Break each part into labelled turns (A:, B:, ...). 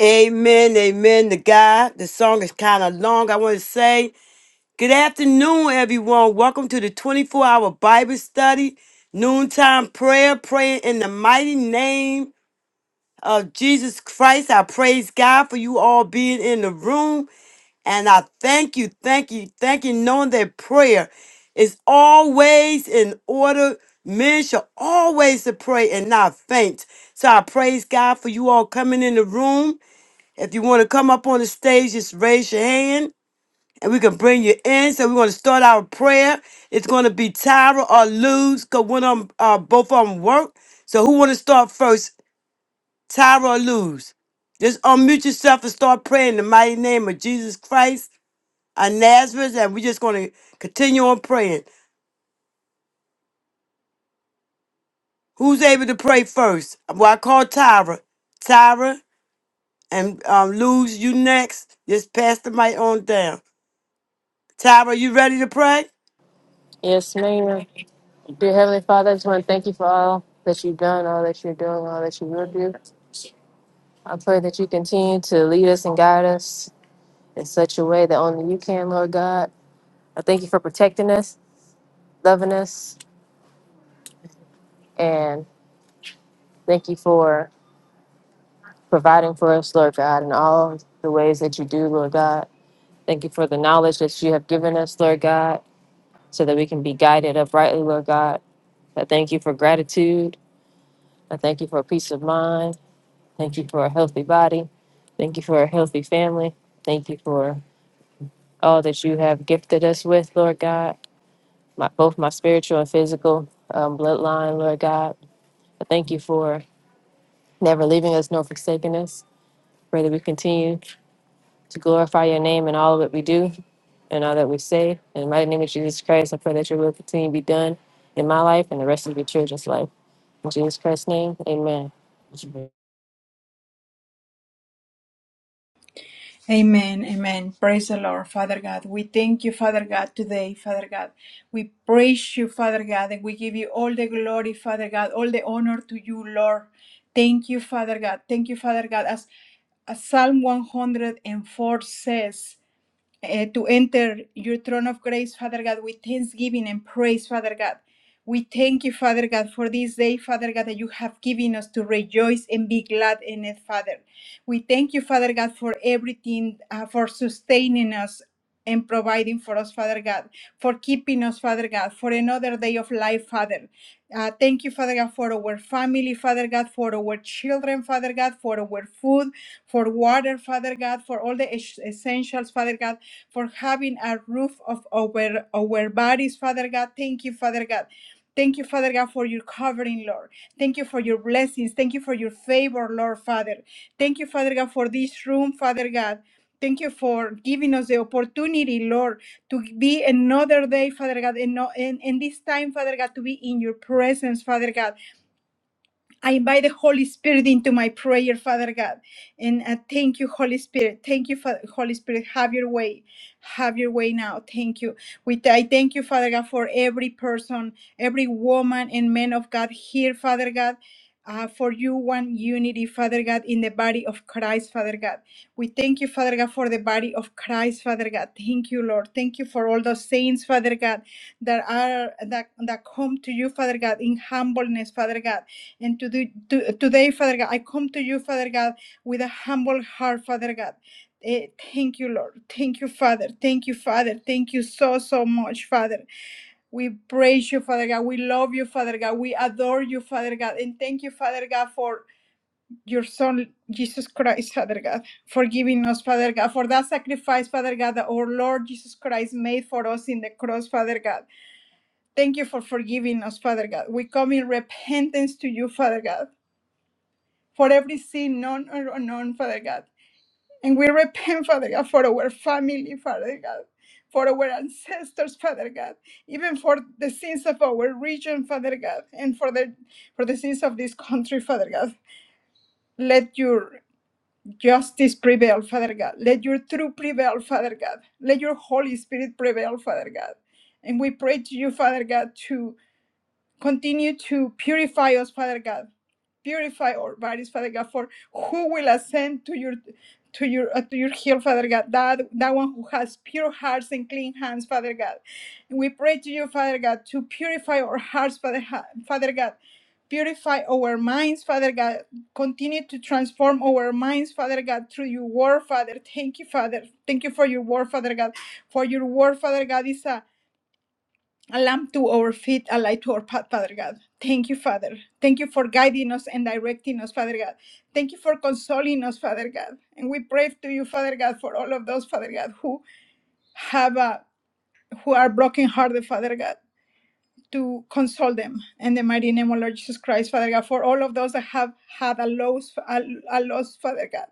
A: Amen, amen to God. The song is kind of long. I want to say good afternoon, everyone. Welcome to the 24 hour Bible study, noontime prayer, praying in the mighty name of Jesus Christ. I praise God for you all being in the room. And I thank you, thank you, thank you, knowing that prayer is always in order. Men shall always to pray and not faint. So I praise God for you all coming in the room. If you want to come up on the stage, just raise your hand and we can bring you in. So we're going to start our prayer. It's going to be Tyra or Luz because one of them, uh, both of them work. So who want to start first, Tyra or Luz? Just unmute yourself and start praying in the mighty name of Jesus Christ of Nazareth. And we're just going to continue on praying. Who's able to pray first? Well, I call Tyra. Tyra and um, Luz, you next. Just pass the mic on down. Tyra, you ready to pray?
B: Yes, ma'am. Dear Heavenly Father, I just want to thank you for all that you've done, all that you're doing, all that you will do. I pray that you continue to lead us and guide us in such a way that only you can, Lord God. I thank you for protecting us, loving us, and thank you for providing for us, Lord God, in all the ways that you do, Lord God. Thank you for the knowledge that you have given us, Lord God, so that we can be guided uprightly, Lord God. I thank you for gratitude. I thank you for peace of mind. Thank you for a healthy body. Thank you for a healthy family. Thank you for all that you have gifted us with, Lord God, my, both my spiritual and physical um, bloodline, Lord God. I thank you for never leaving us nor forsaking us. Pray that we continue to glorify your name in all that we do and all that we say. In the mighty name of Jesus Christ, I pray that your will continue to be done in my life and the rest of your children's life. In Jesus Christ's name, amen.
C: Amen, amen. Praise the Lord, Father God. We thank you, Father God, today, Father God. We praise you, Father God, and we give you all the glory, Father God, all the honor to you, Lord. Thank you, Father God. Thank you, Father God. As, as Psalm 104 says, eh, to enter your throne of grace, Father God, with thanksgiving and praise, Father God. We thank you, Father God, for this day, Father God, that you have given us to rejoice and be glad in it, Father. We thank you, Father God, for everything, uh, for sustaining us and providing for us, Father God, for keeping us, Father God, for another day of life, Father. Uh, thank you, Father God, for our family, Father God, for our children, Father God, for our food, for water, Father God, for all the es- essentials, Father God, for having a roof of our, our bodies, Father God. Thank you, Father God. Thank you, Father God, for your covering, Lord. Thank you for your blessings. Thank you for your favor, Lord, Father. Thank you, Father God, for this room, Father God. Thank you for giving us the opportunity, Lord, to be another day, Father God, and, no, and, and this time, Father God, to be in your presence, Father God. I invite the Holy Spirit into my prayer, Father God. And uh, thank you, Holy Spirit. Thank you, Fa- Holy Spirit. Have your way. Have your way now. Thank you. We th- I thank you, Father God, for every person, every woman and man of God here, Father God. Uh, for you, one unity, Father God, in the body of Christ, Father God. We thank you, Father God, for the body of Christ, Father God. Thank you, Lord. Thank you for all those saints, Father God, that are that that come to you, Father God, in humbleness, Father God and to do, to, today, Father God, I come to you, Father God, with a humble heart, Father God. Eh, thank you, Lord. Thank you, Father. Thank you, Father. Thank you so, so much, Father. We praise you, Father God. We love you, Father God. We adore you, Father God. And thank you, Father God, for your Son, Jesus Christ, Father God, for giving us, Father God, for that sacrifice, Father God, that our Lord Jesus Christ made for us in the cross, Father God. Thank you for forgiving us, Father God. We come in repentance to you, Father God for every sin known or unknown, Father God. And we repent, Father God, for our family, Father God, for our ancestors, Father God, even for the sins of our region, Father God, and for the for the sins of this country, Father God. Let your justice prevail, Father God. Let your truth prevail, Father God. Let your Holy Spirit prevail, Father God. And we pray to you, Father God, to continue to purify us, Father God Purify our bodies, Father God, for who will ascend to your to your uh, to your hill, Father God. That that one who has pure hearts and clean hands, Father God. And We pray to you, Father God, to purify our hearts, Father, Ha- Father God. Purify our minds, Father God. Continue to transform our minds, Father God, through your word, Father. Thank you, Father. Thank you for your word, Father God. For your word, Father God, is a a lamp to our feet, a light to our path, Father God. Thank you, Father. Thank you for guiding us and directing us, Father God. Thank you for consoling us, Father God. And we pray to you, Father God, for all of those, Father God, who have a, who are brokenhearted, Father God, to console them. In the mighty name of Lord Jesus Christ, Father God, for all of those that have had a loss, a, a loss, Father God.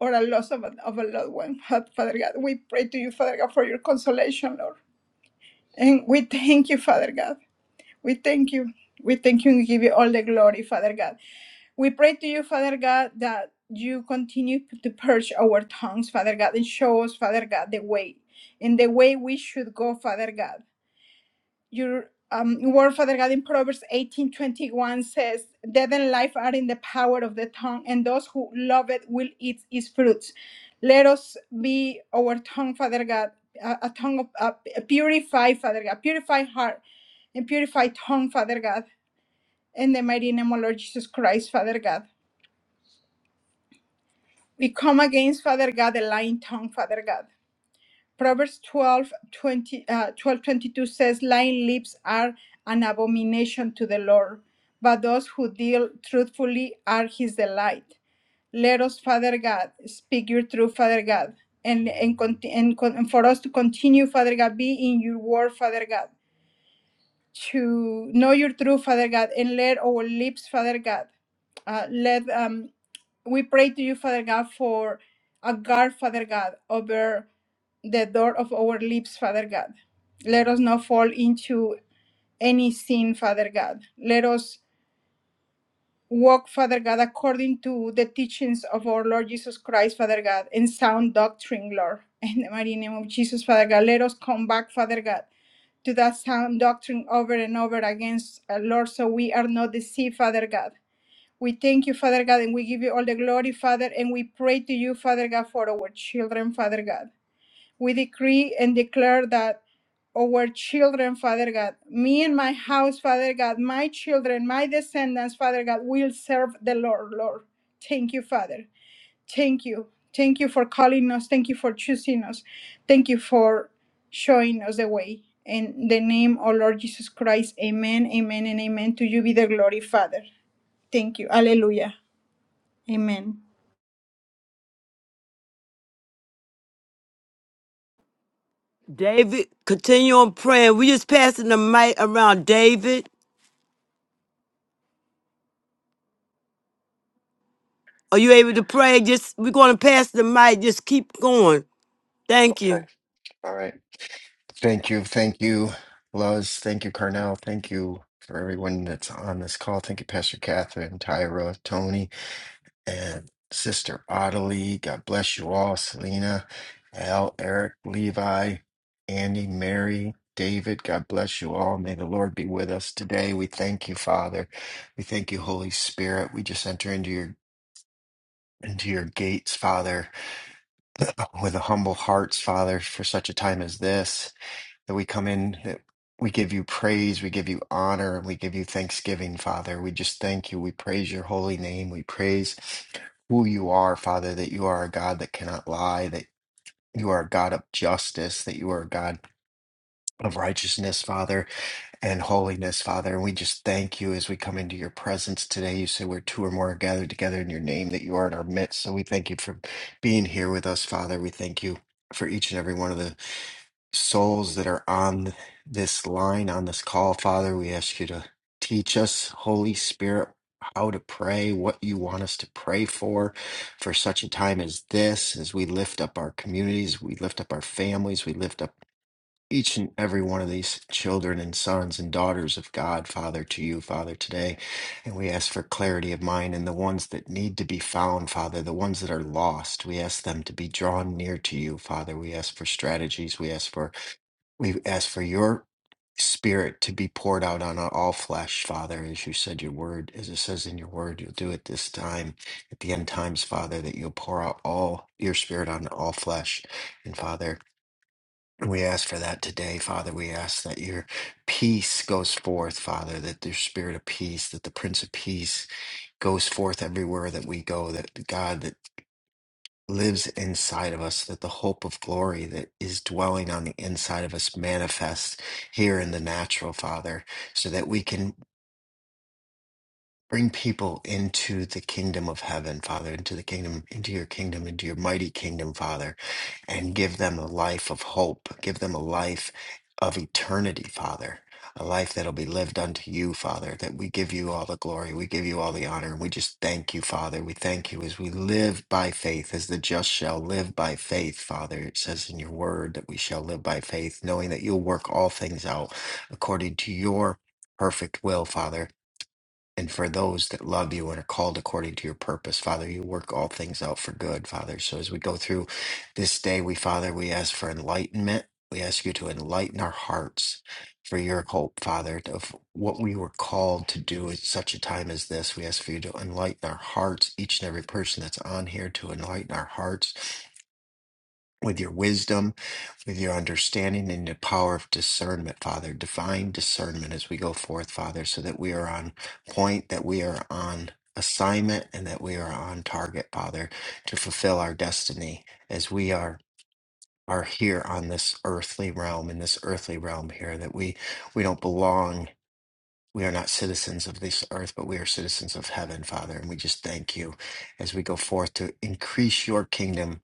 C: Or a loss of a, of a loved one, Father God. We pray to you, Father God, for your consolation, Lord. And we thank you, Father God We thank you. We thank you and give you all the glory, Father God. We pray to you, Father God, that you continue to purge our tongues, Father God, and show us, Father God, the way and the way we should go, Father God. Your um, word, Father God, in Proverbs eighteen twenty one says, Death and life are in the power of the tongue, and those who love it will eat its fruits. Let us be our tongue, Father God, a, a tongue of uh, purify, Father God, purify heart and purify tongue, Father God in the mighty name of Lord Jesus Christ, Father God. We come against, Father God, the lying tongue, Father God. Proverbs 12, twenty uh, 12 twenty two says, Lying lips are an abomination to the Lord, but those who deal truthfully are his delight. Let us, Father God, speak your truth, Father God, and, and, conti- and, con- and for us to continue, Father God, be in your word, Father God. to know your true Father God and let our lips, Father God, uh, let um, we pray to you, Father God, for a guard, Father God, over the door of our lips, Father God. Let us not fall into any sin, Father God. Let us walk, Father God, according to the teachings of our Lord Jesus Christ, Father God, and sound doctrine, Lord. In the mighty name of Jesus, Father God, let us come back, Father God, to that sound doctrine over and over against uh, Lord, so we are not deceived, Father God. We thank you, Father God, and we give you all the glory, Father, and we pray to you, Father God, for our children, Father God. We decree and declare that our children, Father God, me and my house, Father God, my children, my descendants, Father God, will serve the Lord, Lord. Thank you, Father. Thank you. Thank you for calling us. Thank you for choosing us. Thank you for showing us the way. In the name of Lord Jesus Christ, amen, amen, and amen. To you be the glory, Father. Thank you. Hallelujah. Amen.
A: David, continue on praying. We just passing the mic around. David, are you able to pray? Just we're gonna pass the mic. Just keep going. Thank
D: Okay.
A: you.
D: All right. Thank you. Thank you, Luz. Thank you, Carnell. Thank you for everyone that's on this call. Thank you, Pastor Catherine, Tyra, Tony, and Sister Ottilie. God bless you all. Selena, Al, Eric, Levi, Andy, Mary, David. God bless you all. May the Lord be with us today. We thank you, Father. We thank you, Holy Spirit. We just enter into your into your gates, Father, with a humble hearts, Father, for such a time as this. that we come in, that we give you praise, we give you honor, we give you thanksgiving, Father. We just thank you. We praise your holy name. We praise who you are, Father, that you are a God that cannot lie, that you are a God of justice, that you are a God of righteousness, Father, and holiness, Father. And we just thank you as we come into your presence today. You say where two or more are gathered together in your name, that you are in our midst. So we thank you for being here with us, Father. We thank you for each and every one of the souls that are on this line, on this call, Father. We ask you to teach us, Holy Spirit, how to pray, what you want us to pray for, for such a time as this, as we lift up our communities, we lift up our families, we lift up each and every one of these children and sons and daughters of God, Father, to you, Father, today. And we ask for clarity of mind and the ones that need to be found, Father, the ones that are lost. We ask them to be drawn near to you, Father. We ask for strategies. We ask for we ask for your spirit to be poured out on all flesh, Father, as you said your word, as it says in your word, you'll do it this time, at the end times, Father, that you'll pour out all your spirit on all flesh. And Father, we ask for that today, Father. We ask that your peace goes forth, Father, that your spirit of peace, that the Prince of Peace goes forth everywhere that we go, that God, that lives inside of us, that the hope of glory that is dwelling on the inside of us manifests here in the natural, Father, so that we can Bring people into the kingdom of heaven, Father, into the kingdom, into your kingdom, into your mighty kingdom, Father, and give them a life of hope. Give them a life of eternity, Father, a life that'll be lived unto you, Father, that we give you all the glory. We give you all the honor. And we just thank you, Father. We thank you as we live by faith, as the just shall live by faith, Father. It says in your word that we shall live by faith, knowing that you'll work all things out according to your perfect will, Father and for those that love you and are called according to your purpose, Father, you work all things out for good, Father. So as we go through this day, we, Father, we ask for enlightenment. We ask you to enlighten our hearts for your hope, Father, of what we were called to do at such a time as this. We ask for you to enlighten our hearts, each and every person that's on here, to enlighten our hearts with your wisdom, with your understanding, and the power of discernment, Father. Divine discernment as we go forth, Father, so that we are on point, that we are on assignment, and that we are on target, Father, to fulfill our destiny as we are. Are here on this earthly realm, in this earthly realm here, that we we don't belong. We are not citizens of this earth, but we are citizens of heaven, Father. And we just thank you as we go forth to increase your kingdom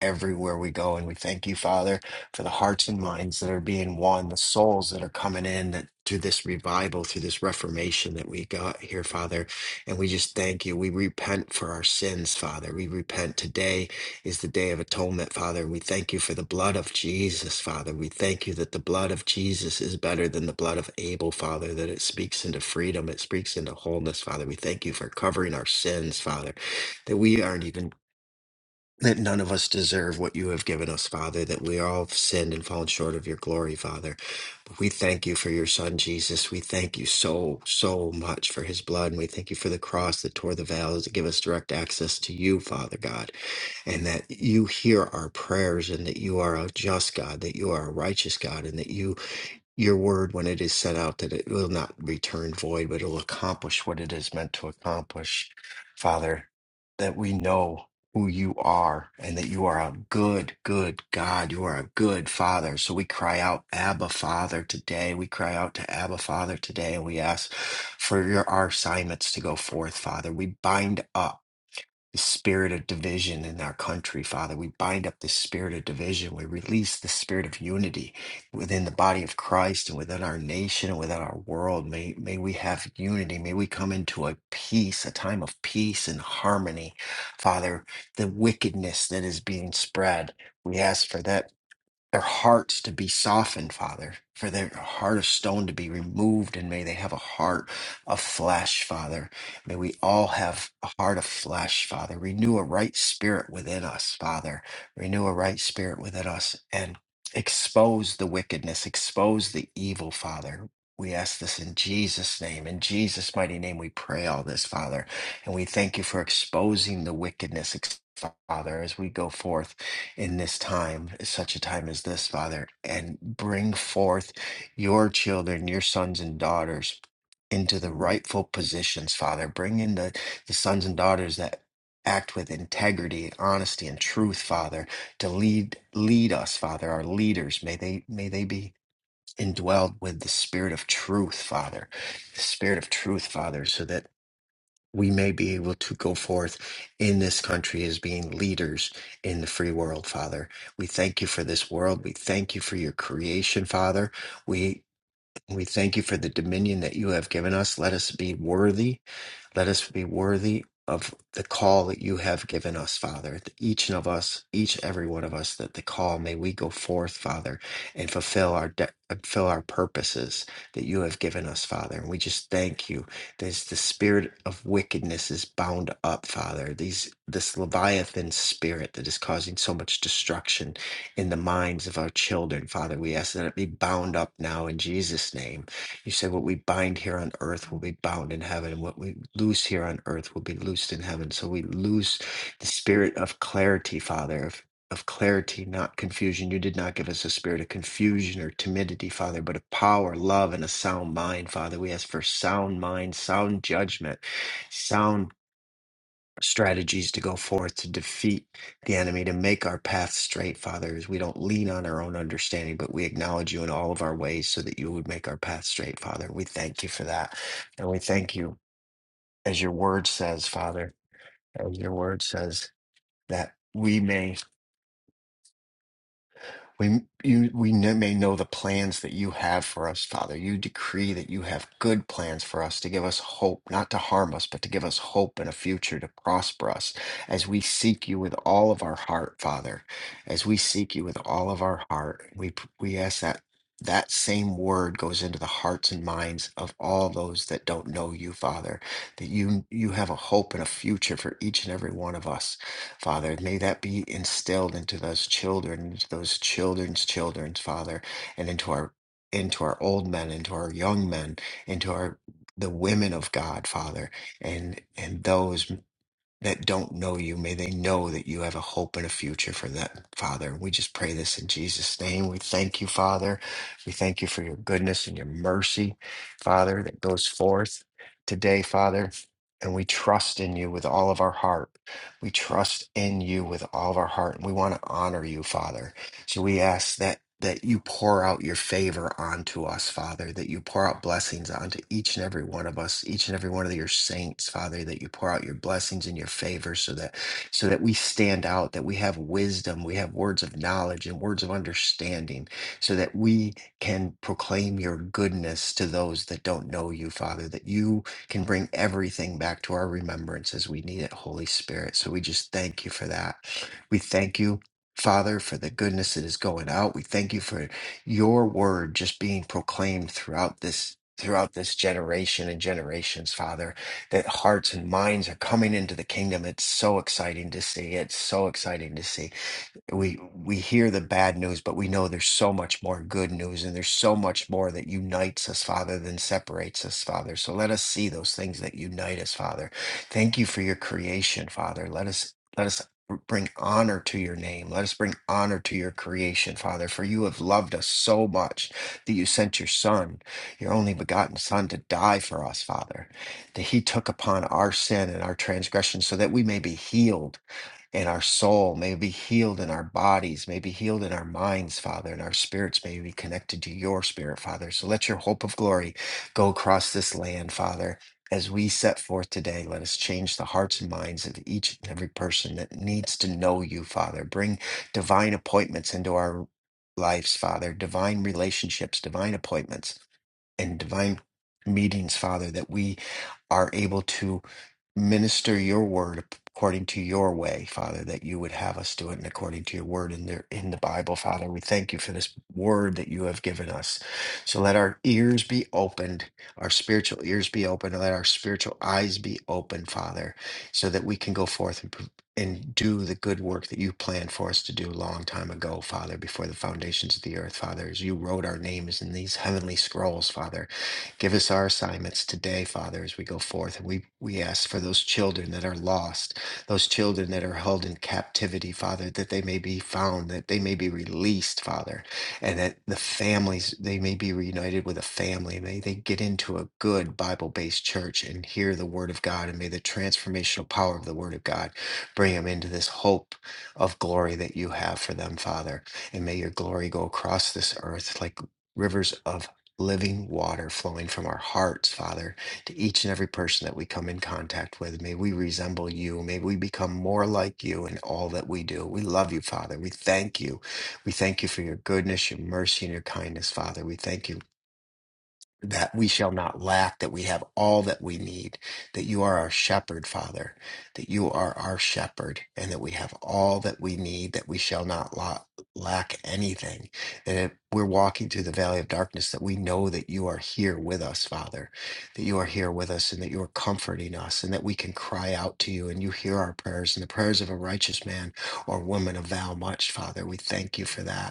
D: everywhere we go. And we thank you, Father, for the hearts and minds that are being won, the souls that are coming in that through this revival, through this reformation that we got here, Father. And we just thank you. We repent for our sins, Father. We repent. Today is the day of atonement, Father. We thank you for the blood of Jesus, Father. We thank you that the blood of Jesus is better than the blood of Abel, Father, that it speaks into freedom, it speaks into wholeness, Father. We thank you for covering our sins, Father that we aren't even that none of us deserve what you have given us, Father, that we all have sinned and fallen short of your glory, Father. But we thank you for your Son, Jesus. We thank you so, so much for his blood. And we thank you for the cross that tore the veils to give us direct access to you, Father God, and that you hear our prayers and that you are a just God, that you are a righteous God, and that you your word when it is sent out that it will not return void, but it will accomplish what it is meant to accomplish. Father, that we know who you are and that you are a good, good God. You are a good Father. So we cry out, Abba Father, today. We cry out to Abba Father today and we ask for your, our assignments to go forth, Father. We bind up the spirit of division in our country, Father. We bind up the spirit of division. We release the spirit of unity within the body of Christ and within our nation and within our world. May, may we have unity. May we come into a peace, a time of peace and harmony, Father. The wickedness that is being spread, we ask for that their hearts to be softened, Father, for their heart of stone to be removed, and may they have a heart of flesh, Father. May we all have a heart of flesh, Father. Renew a right spirit within us, Father. Renew a right spirit within us and expose the wickedness, expose the evil, Father. We ask this in Jesus' name. In Jesus' mighty name, we pray all this, Father. And we thank you for exposing the wickedness, ex- Father, as we go forth in this time, such a time as this, Father, and bring forth your children, your sons and daughters into the rightful positions, Father. Bring in the, the sons and daughters that act with integrity, honesty, and truth, Father, to lead lead us, Father, our leaders. May they may they be indwelled with the spirit of truth, Father. The spirit of truth, Father, so that we may be able to go forth in this country as being leaders in the free world, Father. We thank you for this world. We thank you for your creation, Father. We we thank you for the dominion that you have given us. Let us be worthy let us be worthy of the call that you have given us, Father. That Each of us, each every one of us, that the call may we go forth, Father, and fulfill our de- fulfill our purposes that you have given us, Father. And we just thank you. This the spirit of wickedness is bound up, Father. These this leviathan spirit that is causing so much destruction in the minds of our children, Father. We ask that it be bound up now in Jesus' name. You said, What we bind here on earth will be bound in heaven, and what we loose here on earth will be loosed in heaven. So we loose the spirit of clarity, Father, of, of clarity, not confusion. You did not give us a spirit of confusion or timidity, Father, but of power, love, and a sound mind, Father. We ask for sound mind, sound judgment, sound strategies to go forth to defeat the enemy, to make our path straight, Father, as we don't lean on our own understanding, but we acknowledge you in all of our ways so that you would make our path straight, Father. We thank you for that. And we thank you, as your word says, Father, as your word says, that we may. We, you, we kn- may know the plans that you have for us, Father. You decree that you have good plans for us to give us hope, not to harm us, but to give us hope and a future to prosper us as we seek you with all of our heart, Father. As we seek you with all of our heart, we, p- we ask that that same word goes into the hearts and minds of all those that don't know you, Father, that you, you have a hope and a future for each and every one of us Father. May that be instilled into those children, into those children's children, Father, and into our into our old men, into our young men, into our the women of God, Father, and and those that don't know you. May they know that you have a hope and a future for them, Father. We just pray this in Jesus' name. We thank you, Father. We thank you for your goodness and your mercy, Father, that goes forth today, Father. And we trust in you with all of our heart. We trust in you with all of our heart. And we want to honor you, Father. So we ask that that you pour out your favor onto us, Father, that you pour out blessings onto each and every one of us, each and every one of your saints, Father, that you pour out your blessings and your favor so that so that we stand out, that we have wisdom, we have words of knowledge and words of understanding, so that we can proclaim your goodness to those that don't know you, Father, that you can bring everything back to our remembrance as we need it, Holy Spirit. So we just thank you for that. We thank you Father, for the goodness that is going out. We thank you for your word just being proclaimed throughout this throughout this generation and generations, Father, that hearts and minds are coming into the kingdom. It's so exciting to see. It's so exciting to see we we hear the bad news but we know there's so much more good news and there's so much more that unites us father than separates us father so let us see those things that unite us father thank you for your creation father let us let us br- bring honor to your name let us bring honor to your creation father for you have loved us so much that you sent your son your only begotten son to die for us father that he took upon our sin and our transgression so that we may be healed in our soul, may it be healed in our bodies, may it be healed in our minds, Father, and our spirits may be connected to your spirit, Father. So let your hope of glory go across this land, Father. As we set forth today, let us change the hearts and minds of each and every person that needs to know you, Father. Bring divine appointments into our lives, Father, divine relationships, divine appointments and divine meetings, Father, that we are able to minister your word according to your way, Father, that you would have us do it and according to your word in there in the Bible, Father. We thank you for this word that you have given us. So let our ears be opened, our spiritual ears be open, let our spiritual eyes be open, Father, so that we can go forth and and do the good work that you planned for us to do a long time ago, Father, before the foundations of the earth, Father, as you wrote our names in these heavenly scrolls, Father. Give us our assignments today, Father, as we go forth. And we, we ask for those children that are lost, those children that are held in captivity, Father, that they may be found, that they may be released, Father, and that the families, they may be reunited with a family. May they get into a good Bible based church and hear the Word of God, and may the transformational power of the Word of God Bring them into this hope of glory that you have for them, Father. And may your glory go across this earth like rivers of living water flowing from our hearts, Father, to each and every person that we come in contact with. May we resemble you. May we become more like you in all that we do. We love you, Father. We thank you. We thank you for your goodness, your mercy, and your kindness, Father. We thank you that we shall not lack, that we have all that we need, that you are our shepherd, Father, that you are our shepherd, and that we have all that we need, that we shall not la- lack anything. That if we're walking through the valley of darkness, that we know that you are here with us, Father, that you are here with us, and that you are comforting us, and that we can cry out to you, and you hear our prayers, and the prayers of a righteous man or woman avail much, Father. We thank you for that.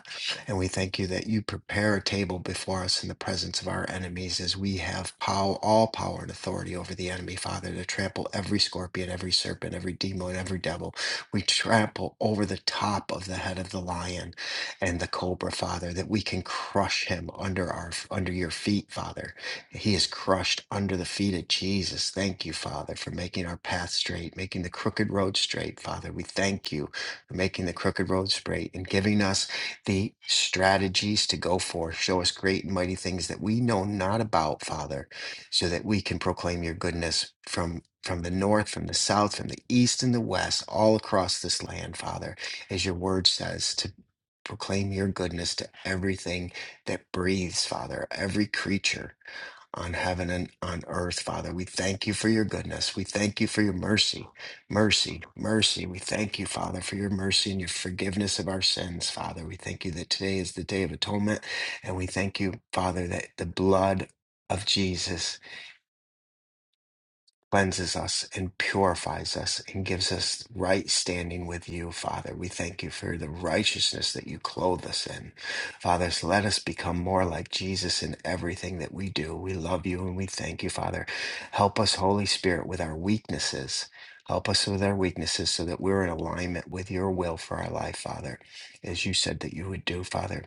D: And we thank you that you prepare a table before us in the presence of our enemies as we have pow- all power and authority over the enemy, Father, to trample every scorpion, every serpent, every demon, every devil. We trample over the top of the head of the lion and the cobra, Father, that we can crush him under our under your feet, Father. He is crushed under the feet of Jesus. Thank you, Father, for making our path straight, making the crooked road straight, Father. We thank you for making the crooked road straight and giving us the strategies to go for. Show us great and mighty things that we know not about, Father, so that we can proclaim your goodness from from the north, from the south, from the east and the west, all across this land, Father, as your word says, to proclaim your goodness to everything that breathes, Father, every creature on heaven and on earth, Father. We thank you for your goodness. We thank you for your mercy, mercy, mercy. We thank you, Father, for your mercy and your forgiveness of our sins, Father. We thank you that today is the day of atonement. And we thank you, Father, that the blood of Jesus cleanses us and purifies us and gives us right standing with you, Father. We thank you for the righteousness that you clothe us in. Father, so let us become more like Jesus in everything that we do. We love you and we thank you, Father. Help us, Holy Spirit, with our weaknesses. Help us with our weaknesses so that we're in alignment with your will for our life, Father, as you said that you would do, Father.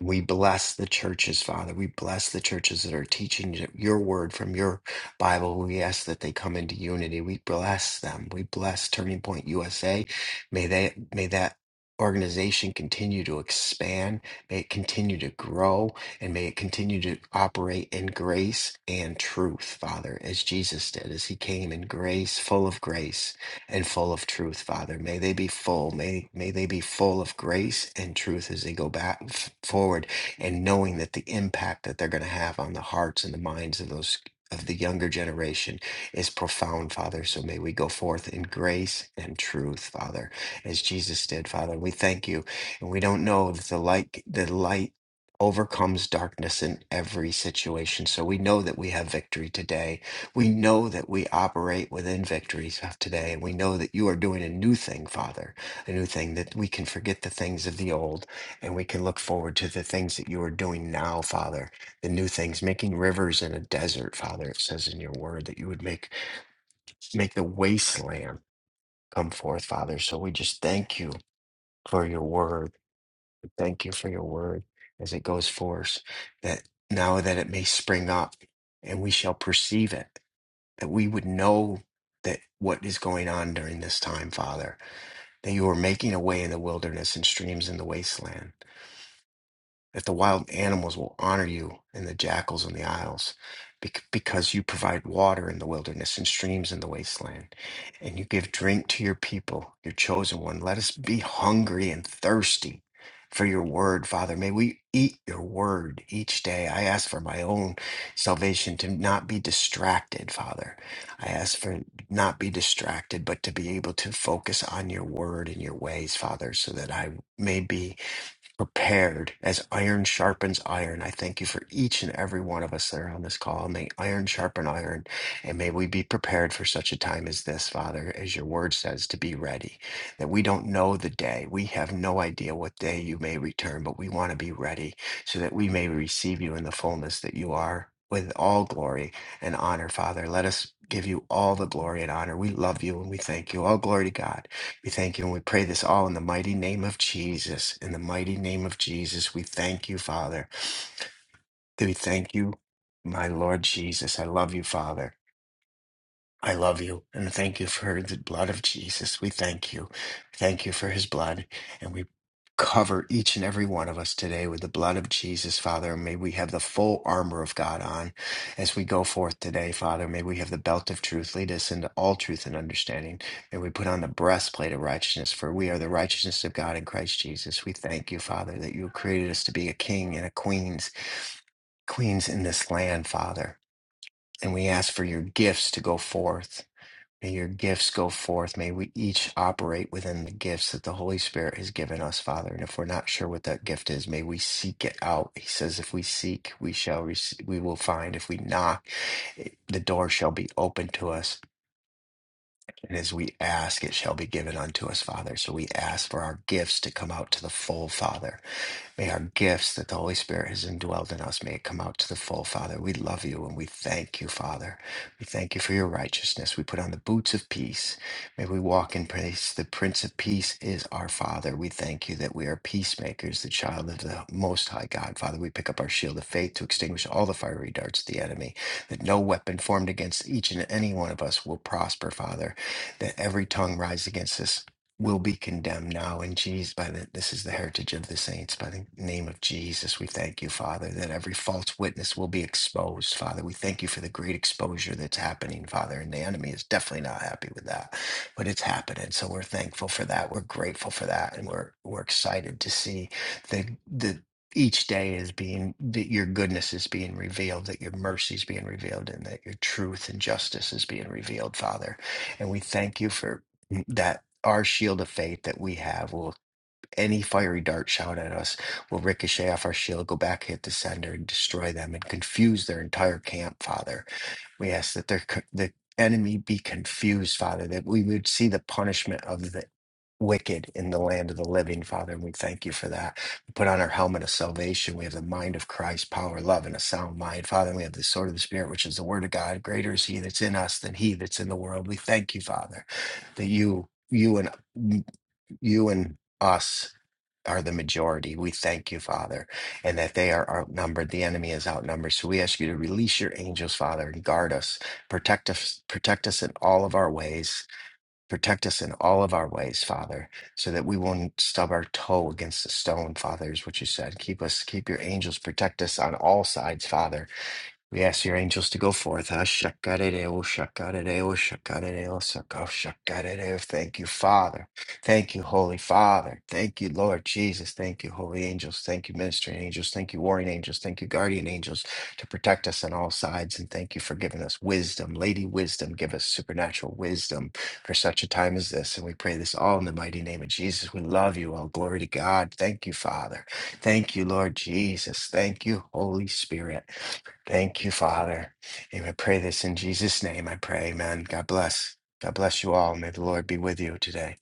D: We bless the churches, Father. We bless the churches that are teaching your word from your Bible. We ask that they come into unity. We bless them. We bless Turning Point USA. May they may that organization continue to expand. May it continue to grow and may it continue to operate in grace and truth, Father, as Jesus did, as he came in grace, full of grace and full of truth, Father. May they be full. May, may they be full of grace and truth as they go back f- forward and knowing that the impact that they're going to have on the hearts and the minds of those of the younger generation is profound, Father. So may we go forth in grace and truth, Father, as Jesus did, Father. We thank you. And we don't know that the light the light overcomes darkness in every situation. So we know that we have victory today we know that we operate within victories of today. and We know that you are doing a new thing, Father, a new thing that we can forget the things of the old and we can look forward to the things that you are doing now, Father, the new things, making rivers in a desert, Father. It says in your word that you would make, make the wasteland come forth, Father. So we just thank you for your word. Thank you for your word as it goes forth, that now that it may spring up and we shall perceive it that we would know that what is going on during this time, Father, that you are making a way in the wilderness and streams in the wasteland that the wild animals will honor you and the jackals in the isles bec- because you provide water in the wilderness and streams in the wasteland and you give drink to your people your chosen one let us be hungry and thirsty for your word father may we eat your word each day i ask for my own salvation to not be distracted father i ask for not be distracted but to be able to focus on your word and your ways father so that i may be prepared as iron sharpens iron. I thank you for each and every one of us that are on this call. May iron sharpen iron, and may we be prepared for such a time as this, Father, as your word says, to be ready. That we don't know the day. We have no idea what day you may return, but we want to be ready so that we may receive you in the fullness that you are. With all glory and honor, Father. Let us give you all the glory and honor. We love you and we thank you. All glory to God. We thank you and we pray this all in the mighty name of Jesus. In the mighty name of Jesus, we thank you, Father. We thank you, my Lord Jesus. I love you, Father. I love you and thank you for the blood of Jesus. We thank you. Thank you for his blood. And we cover each and every one of us today with the blood of Jesus, Father. May we have the full armor of God on as we go forth today, Father. May we have the belt of truth. Lead us into all truth and understanding. May we put on the breastplate of righteousness, for we are the righteousness of God in Christ Jesus. We thank you, Father, that you created us to be a king and a queen's queens in this land, Father. And we ask for your gifts to go forth. May your gifts go forth. May we each operate within the gifts that the Holy Spirit has given us, Father. And if we're not sure what that gift is, may we seek it out. He says, if we seek, we shall receive, we will find. If we knock, it- the door shall be open to us. And as we ask, it shall be given unto us, Father. So we ask for our gifts to come out to the full, Father May our gifts that the Holy Spirit has indwelled in us, may it come out to the full, Father. We love you and we thank you, Father. We thank you for your righteousness. We put on the boots of peace. May we walk in peace. The Prince of Peace is our Father. We thank you that we are peacemakers, the child of the Most High God. Father, we pick up our shield of faith to extinguish all the fiery darts of the enemy, that no weapon formed against each and any one of us will prosper, Father, that every tongue rise against us will be condemned now in Jesus by the this is the heritage of the saints by the name of Jesus we thank you father that every false witness will be exposed father we thank you for the great exposure that's happening father and the enemy is definitely not happy with that but it's happening so we're thankful for that we're grateful for that and we're we're excited to see the the each day is being that your goodness is being revealed that your mercy is being revealed and that your truth and justice is being revealed father and we thank you for that our shield of faith that we have will any fiery dart shot at us will ricochet off our shield, go back, hit the sender, and destroy them and confuse their entire camp, Father. We ask that their, co- the enemy be confused, Father, that we would see the punishment of the wicked in the land of the living, Father. And we thank you for that. We put on our helmet of salvation. We have the mind of Christ, power, love, and a sound mind, Father. And we have the sword of the Spirit, which is the word of God. Greater is he that's in us than he that's in the world. We thank you, Father, that you, you and you and us are the majority. We thank you, Father, and that they are outnumbered. The enemy is outnumbered. So we ask you to release your angels, Father, and guard us, protect us, protect us in all of our ways. Protect us in all of our ways, Father, so that we won't stub our toe against the stone, Father, is what you said. Keep us, keep your angels, protect us on all sides, Father we ask your angels to go forth. Ashakarereo, shakarereo, shakarereo, shakarereo, saka- shakarereo. Thank you, Father. Thank you, Holy Father. Thank you, Lord Jesus. Thank you, Holy Angels. Thank you, Ministering Angels. Thank you, Warring Angels. Thank you, Guardian Angels, to protect us on all sides. And thank you for giving us wisdom. Lady Wisdom, give us supernatural wisdom for such a time as this. And we pray this all in the mighty name of Jesus. We love you. All glory to God. Thank you, Father. Thank you, Lord Jesus. Thank you, Holy Spirit. Thank you, Father. And I pray this in Jesus' name. I pray, amen. God bless. God bless you all. May the Lord be with you today.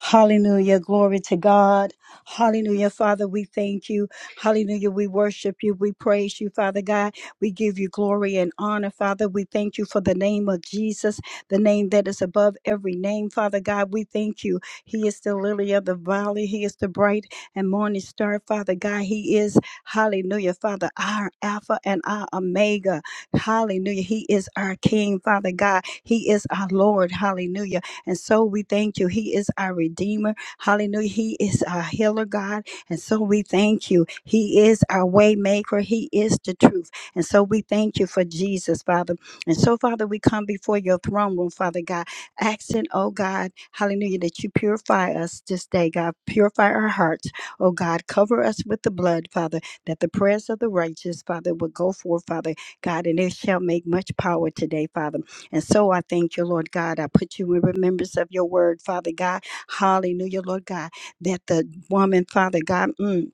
E: Hallelujah. Glory to God. Hallelujah. Father, we thank you. Hallelujah. We worship you. We praise you, Father God. We give you glory and honor, Father. We thank you for the name of Jesus, the name that is above every name, Father God. We thank you. He is the lily of the valley. He is the bright and morning star, Father God. He is, hallelujah, Father, our Alpha and our Omega. Hallelujah. He is our King, Father God. He is our Lord. Hallelujah. And so we thank you. He is our Redeemer. Hallelujah. He is our healer, God. And so we thank you. He is our way maker. He is the truth. And so we thank you for Jesus, Father. And so, Father, we come before your throne room, Father God, asking, oh God, hallelujah, that you purify us this day, God. Purify our hearts, oh God. Cover us with the blood, Father, that the prayers of the righteous, Father, will go forth, Father God, and it shall make much power today, Father. And so I thank you, Lord God. I put you in remembrance of your word, Father God. Hallelujah, Lord God. That the woman, Father God, mm,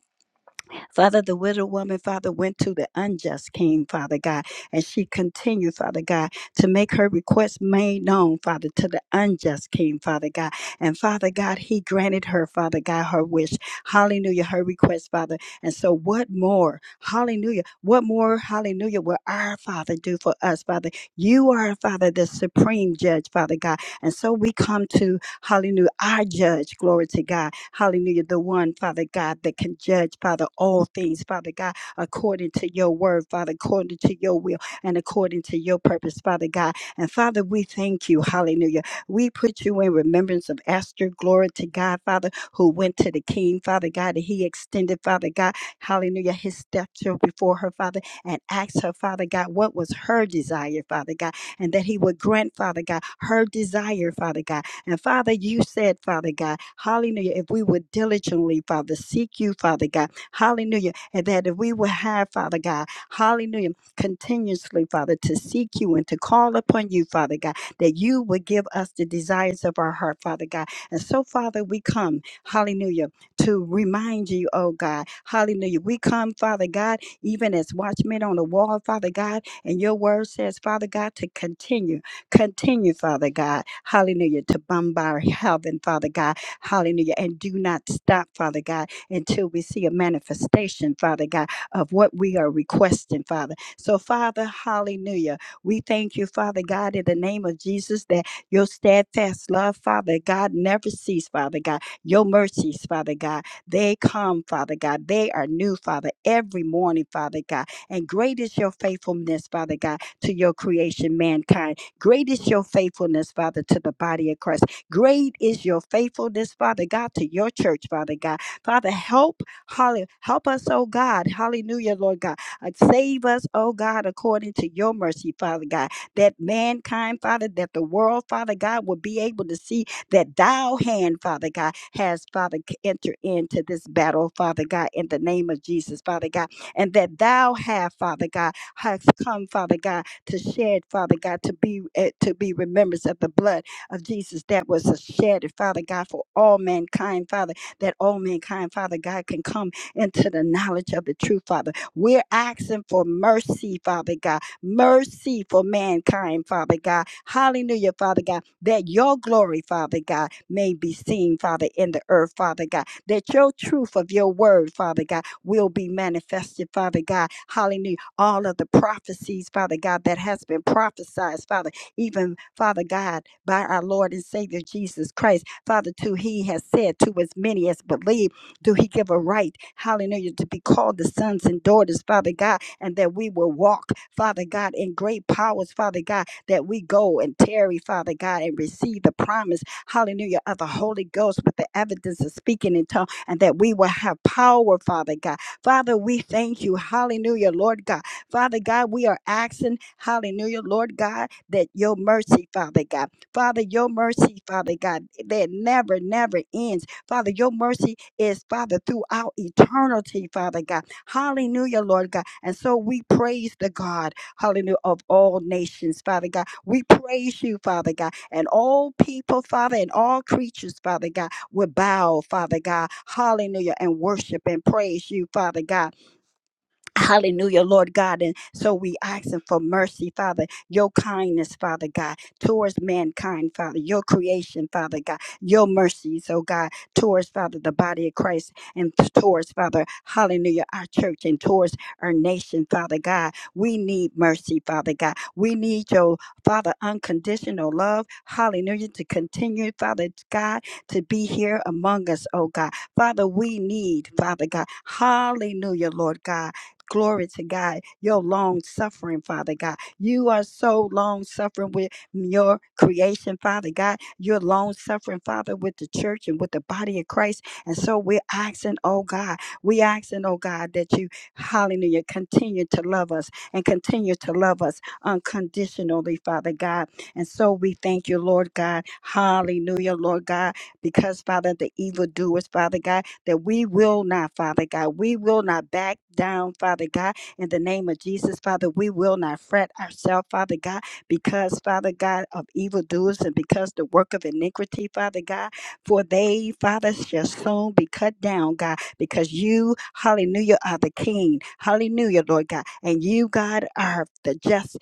E: Father, the widow woman, Father, went to the unjust king, Father God, and she continued, Father God, to make her request made known, Father, to the unjust king, Father God. And Father God, he granted her, Father God, her wish. Hallelujah, her request, Father. And so, what more? Hallelujah. What more, hallelujah, will our Father do for us, Father? You are, Father, the supreme judge, Father God. And so, we come to Hallelujah. Our judge, glory to God. Hallelujah. The one, Father God, that can judge, Father, all things, Father God, according to your word, Father, according to your will and according to your purpose, Father God. And Father, we thank you. Hallelujah. We put you in remembrance of Esther, glory to God, Father, who went to the king, Father God, and he extended, Father God, hallelujah, his stature before her, Father, and asked her, Father God, what was her desire, Father God, and that he would grant, Father God, her desire, Father God. And Father, you said, Father God, hallelujah, if we would diligently, Father, seek you, Father God, hallelujah, and that if we would have, Father God, hallelujah, continuously, Father, to seek you and to call upon you, Father God, that you would give us the desires of our heart, Father God. And so, Father, we come, hallelujah, to remind you, oh God, hallelujah. We come, Father God, even as watchmen on the wall, Father God, and your word says, Father God, to continue. Continue, Father God, hallelujah, to bombard heaven, Father God, hallelujah, and do not stop, Father God, until we see a manifestation, Father God, of what we are requesting, Father. So, Father, hallelujah, we thank you, Father God, in the name of Jesus, that your steadfast love, Father God, never cease, Father God. Your mercies, Father God, they come, Father God. They are new, Father, every morning, Father God. And great is your faithfulness, Father God, to your creation, mankind. Great is your faithfulness, Father, to the body of Christ. Great is your faithfulness, Father God, to your church, Father God. Father, help, holly, help us, oh God. Hallelujah, Lord God. Uh, Save us, oh God, according to your mercy, Father God. That mankind, Father, that the world, Father God, will be able to see that thou hand, Father God, has, Father, c- entered into this battle, Father God, in the name of Jesus, Father God. And that thou have, Father God, has come, Father God to shed, Father God, to be eh, to be remembrance of the blood of Jesus that was shed, Father God, for all mankind, Father, that all mankind, Father God, can come into the knowledge of the truth, Father. We're asking for mercy, Father God, mercy for mankind, Father God. Hallelujah, Father God, that your glory, Father God, may be seen, Father, in the earth, Father God, that your truth of your word, Father God, will be manifested, Father God. Hallelujah all of the prophecies, Father God, that has been prophesied, Father, even, Father God, by our Lord and Savior Jesus Christ. Father, too, He has said to as many as believe, do He give a right, hallelujah, to be called the sons and daughters, Father God, and that we will walk, Father God, in great powers, Father God, that we go and tarry, Father God, and receive the promise, hallelujah, of the Holy Ghost with the evidence of speaking in tongues, and that we will have power, Father God. Father, we thank you, hallelujah, Lord God Father God, we are asking, hallelujah, Lord God, that your mercy, Father God, Father, your mercy, Father God, that never, never ends. Father, your mercy is, Father, throughout eternity, Father God. Hallelujah, Lord God. And so we praise the God, hallelujah, of all nations, Father God. We praise you, Father God, and all people, Father, and all creatures, Father God, will bow, Father God, hallelujah, and worship and praise you, Father God. Hallelujah, Lord God. And so we asking for mercy, Father, your kindness, Father God, towards mankind, Father, your creation, Father God, your mercies, oh God, towards, Father, the body of Christ and t- towards, Father, hallelujah, our church and towards our nation, Father God. We need mercy, Father God. We need your, Father, unconditional love, hallelujah, to continue, Father God, to be here among us, oh God. Father, we need, Father God, hallelujah, Lord God Glory to God. Your long suffering, Father God. You are so long suffering with your creation, Father God. You're long suffering, Father, with the church and with the body of Christ. And so we're asking, oh God, we asking, oh God, that you, hallelujah, continue to love us and continue to love us unconditionally, Father God. And so we thank you, Lord God. Hallelujah, Lord God, because, Father, the evildoers, Father God, that we will not, Father God. We will not back down, Father God. In the name of Jesus, Father, we will not fret ourselves, Father God, because, Father God, of evildoers and because the work of iniquity, Father God, for they, Father, shall soon be cut down, God, because you, hallelujah, are the King. Hallelujah, Lord God. And you, God, are the just,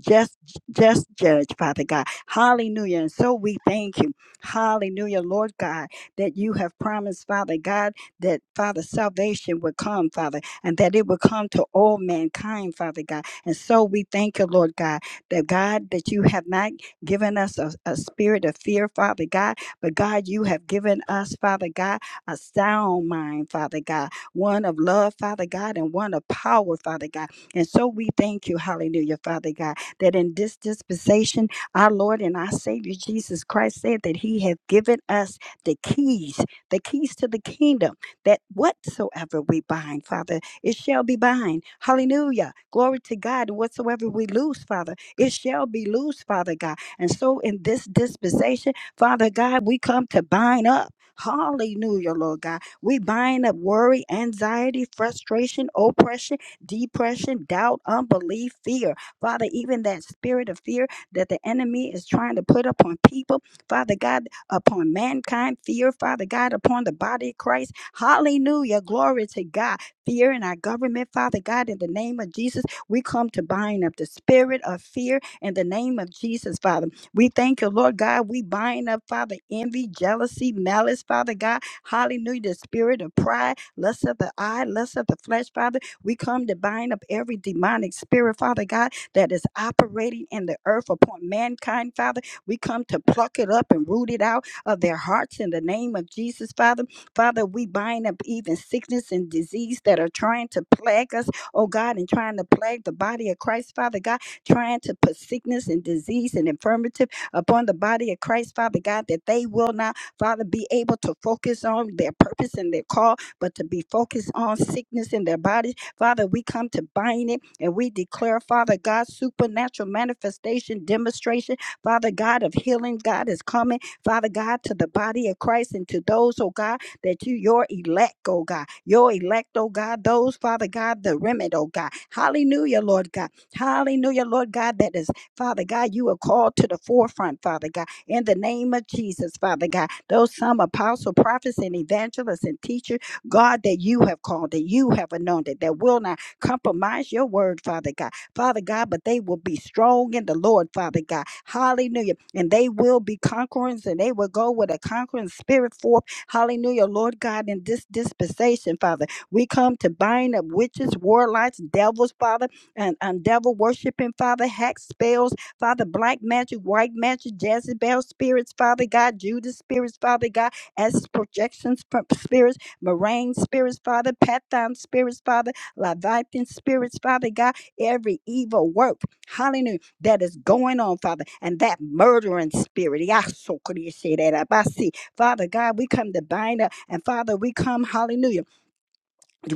E: just, just judge, Father God. Hallelujah. And so we thank you. Hallelujah, Lord God that you have promised, Father God, that Father salvation would come, Father, and that it would come to all mankind, Father God. And so we thank you, Lord God, that God, that you have not given us a, a spirit of fear, Father God, but God, you have given us, Father God, a sound mind, Father God, one of love, Father God, and one of power, Father God. And so we thank you, hallelujah, Father God, that in this dispensation, our Lord and our Savior Jesus Christ said that He hath given us the keys, the keys to the kingdom, that whatsoever we bind, Father, it shall be bind. Hallelujah. Glory to God. And whatsoever we loose, Father, it shall be loose, Father God. And so in this dispensation, Father God, we come to bind up. Hallelujah, Lord God. We bind up worry, anxiety, frustration, oppression, depression, doubt, unbelief, fear. Father, even that spirit of fear that the enemy is trying to put upon people. Father God, upon mankind, fear, Father God, upon the body of Christ. Hallelujah. Glory to God. Fear in our government, Father God, in the name of Jesus, we come to bind up the spirit of fear in the name of Jesus, Father. We thank you, Lord God. We bind up, Father, envy, jealousy, malice, Father God. Hallelujah. The spirit of pride, lust of the eye, lust of the flesh, Father. We come to bind up every demonic spirit, Father God, that is operating in the earth upon mankind, Father. We come to pluck it up and root it out of their hearts in the name of Jesus, Father. Father, we bind up even sickness and disease that are trying to plague us, oh God, and trying to plague the body of Christ, Father God, trying to put sickness and disease and infirmity upon the body of Christ, Father God, that they will not, Father, be able to focus on their purpose and their call, but to be focused on sickness in their bodies. Father, we come to bind it and we declare, Father God, supernatural manifestation, demonstration Father God of healing, God is coming, Father God, to the body of Christ and to those, oh God, that you, your elect, oh God, your elect, oh God, those, Father God, the remnant, oh God. Hallelujah, Lord God. Hallelujah, Lord God, that is, Father God, you are called to the forefront, Father God, in the name of Jesus, Father God. Those some apostle, prophets, and evangelists and teachers, God, that you have called, that you have anointed, that will not compromise your word, Father God. Father God, but they will be strong in the Lord, Father God. Hallelujah. And they will be conquerors and they will go with a conquering spirit forth. Hallelujah, Lord God, in this dispensation, Father. We come to bind up witches, warlocks, devils, Father, and, and devil worshiping, Father, hack spells, Father, black magic, white magic, Jezebel spirits, Father God, Judas spirits, Father God, as projections from spirits, Moraine spirits, Father, Pathan spirits, Father, Leviathan spirits, Father God every evil work, hallelujah, that is going on, Father, and that murdering spirit. Yeah, so could you say that I see, Father God, we come to bind up, and Father, we come, hallelujah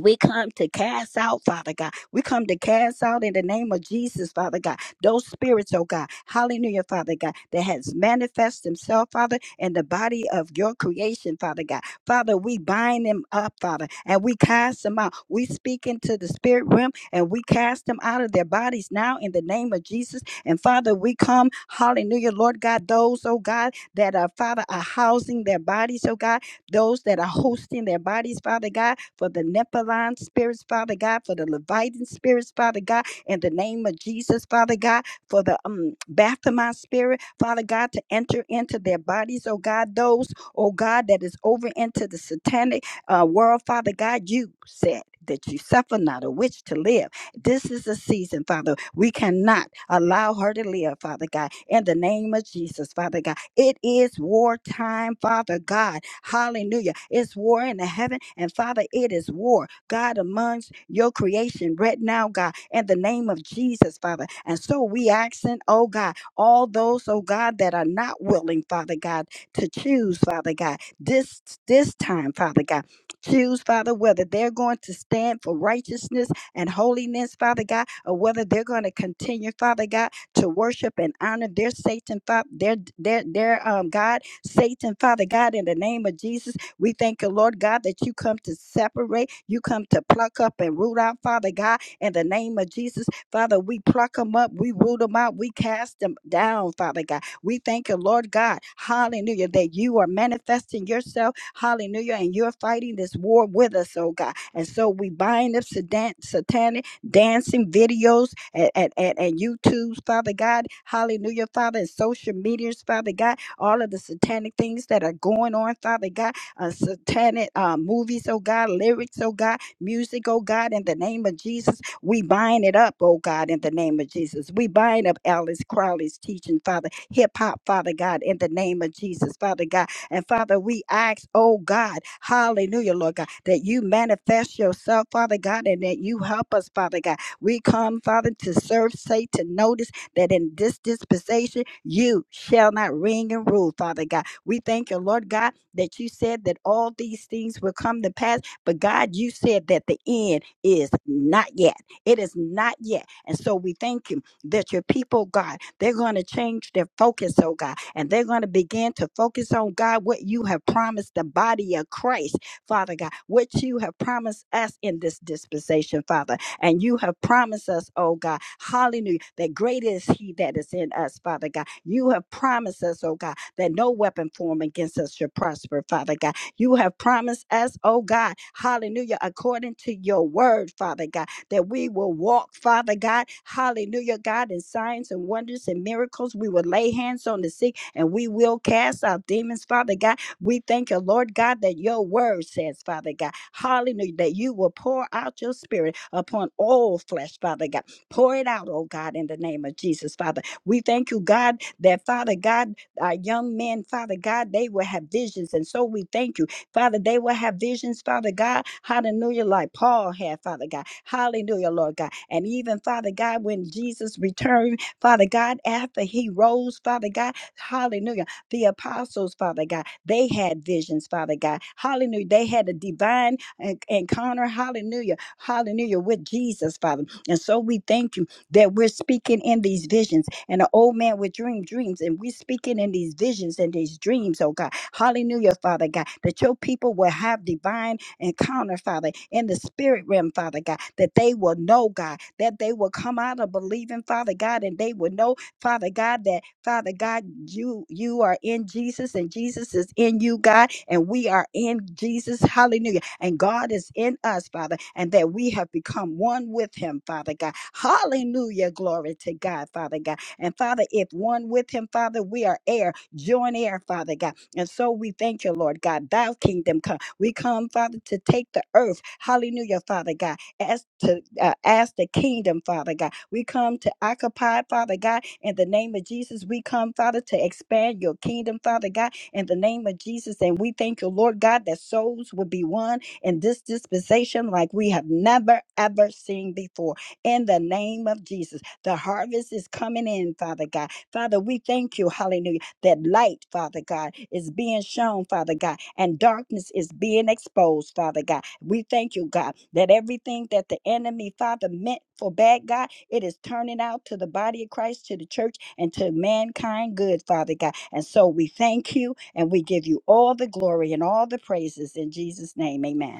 E: we come to cast out, Father God. We come to cast out in the name of Jesus, Father God. Those spirits, oh God, hallelujah, Father God, that has manifest themselves, Father, in the body of your creation, Father God. Father, we bind them up, Father, and we cast them out. We speak into the spirit realm and we cast them out of their bodies now in the name of Jesus. And Father, we come, hallelujah, Lord God, those, oh God, that are, Father, are housing their bodies, oh God, those that are hosting their bodies, Father God for the Nephilim spirits, Father God, for the Levitan spirits, Father God, in the name of Jesus, Father God, for the um, Baphomet spirit, Father God, to enter into their bodies, oh God, those, oh God, that is over into the satanic uh, world, Father God, you said that you suffer not a witch to live. This is a season, Father. We cannot allow her to live, Father God, in the name of Jesus, Father God. It is war time, Father God. Hallelujah. It's war in the heaven, and Father, it is war. God, amongst your creation right now, God, in the name of Jesus, Father. And so we accent, oh God, all those, oh God, that are not willing, Father God, to choose, Father God, this this time, Father God. Choose, Father, whether they're going to stand for righteousness and holiness, Father God, or whether they're going to continue, Father God, to worship and honor their Satan, Father, their their their um God, Satan, Father God, in the name of Jesus. We thank you, Lord God, that you come to separate, you come to pluck up and root out, Father God, in the name of Jesus. Father, we pluck them up, we root them out, we cast them down, Father God. We thank you, Lord God, hallelujah, that you are manifesting yourself, hallelujah, and you're fighting this war with us, oh God. And so we bind up satan- satanic dancing videos and, and, and, and YouTubes, Father God. Hallelujah, Father, and social medias, Father God. All of the satanic things that are going on, Father God. Uh, satanic uh, movies, oh God, lyrics, oh God, music, oh God, in the name of Jesus. We bind it up, oh God, in the name of Jesus. We bind up Alice Crowley's teaching, Father. Hip hop, Father God, in the name of Jesus, Father God and Father, we ask, oh God, hallelujah, Lord God, that you manifest yourself, Father God, and that you help us, Father God. We come, Father, to serve, say, to notice that in this dispensation, you shall not reign and rule, Father God. We thank you, Lord God, that you said that all these things will come to pass, but God, you said that the end is not yet. It is not yet. And so we thank you that your people, God, they're going to change their focus, oh God, and they're going to begin to focus on, God, what you have promised the body of Christ, Father God, what you have promised us in this dispensation, Father. And you have promised us, oh God, hallelujah, that great is he that is in us, Father God. You have promised us, oh God, that no weapon formed against us shall prosper, Father God. You have promised us, oh God, hallelujah, according to your word, Father God that we will walk, Father God. Hallelujah, God, in signs and wonders and miracles. We will lay hands on the sick and we will cast out demons, Father God. We thank you, Lord God, that your word says, Father God, hallelujah, that you will pour out your spirit upon all flesh, Father God. Pour it out, oh God, in the name of Jesus, Father. We thank you, God, that Father God, our young men, Father God, they will have visions. And so we thank you Father, they will have visions, Father God. Hallelujah, like Paul had, Father God. Hallelujah, Lord God. And even, Father God, when Jesus returned, Father God, after he rose, Father God, hallelujah, the apostles, Father God, they had visions, Father God. Hallelujah. They had a divine en- encounter, hallelujah, hallelujah, with Jesus, Father. And so we thank you that we're speaking in these visions. And the old man would dream dreams, and we're speaking in these visions and these dreams, oh God. Hallelujah, Father God, that your people will have divine encounter, Father, in the spirit realm, Father God, that they will know, God, that they will come out of believing, Father God, and they will know Father God, that Father God, you you are in Jesus and Jesus is in you, God, and we are in Jesus. Hallelujah. And God is in us, Father, and that we have become one with him, Father God. Hallelujah. Glory to God, Father God. And Father, if one with him, Father, we are heir, joint heir, Father God. And so we thank you, Lord God. Thou kingdom come. We come, Father, to take the earth. Hallelujah, Father God as to uh, as the kingdom, Father God. We come to occupy, Father God, in the name of Jesus. We come, Father, to expand your kingdom, Father God, in the name of Jesus. And we thank you, Lord God, that souls will be won in this dispensation like we have never ever seen before. In the name of Jesus, the harvest is coming in, Father God. Father, we thank you, Hallelujah that light, Father God, is being shown, Father God, and darkness is being exposed, Father God. We thank you, God, that everything that the enemy, Father, meant for bad, God, it is turning out to the body of Christ, to the church, and to mankind good, Father God. And so we thank you and we give you all the glory and all the praises in Jesus' name. Amen.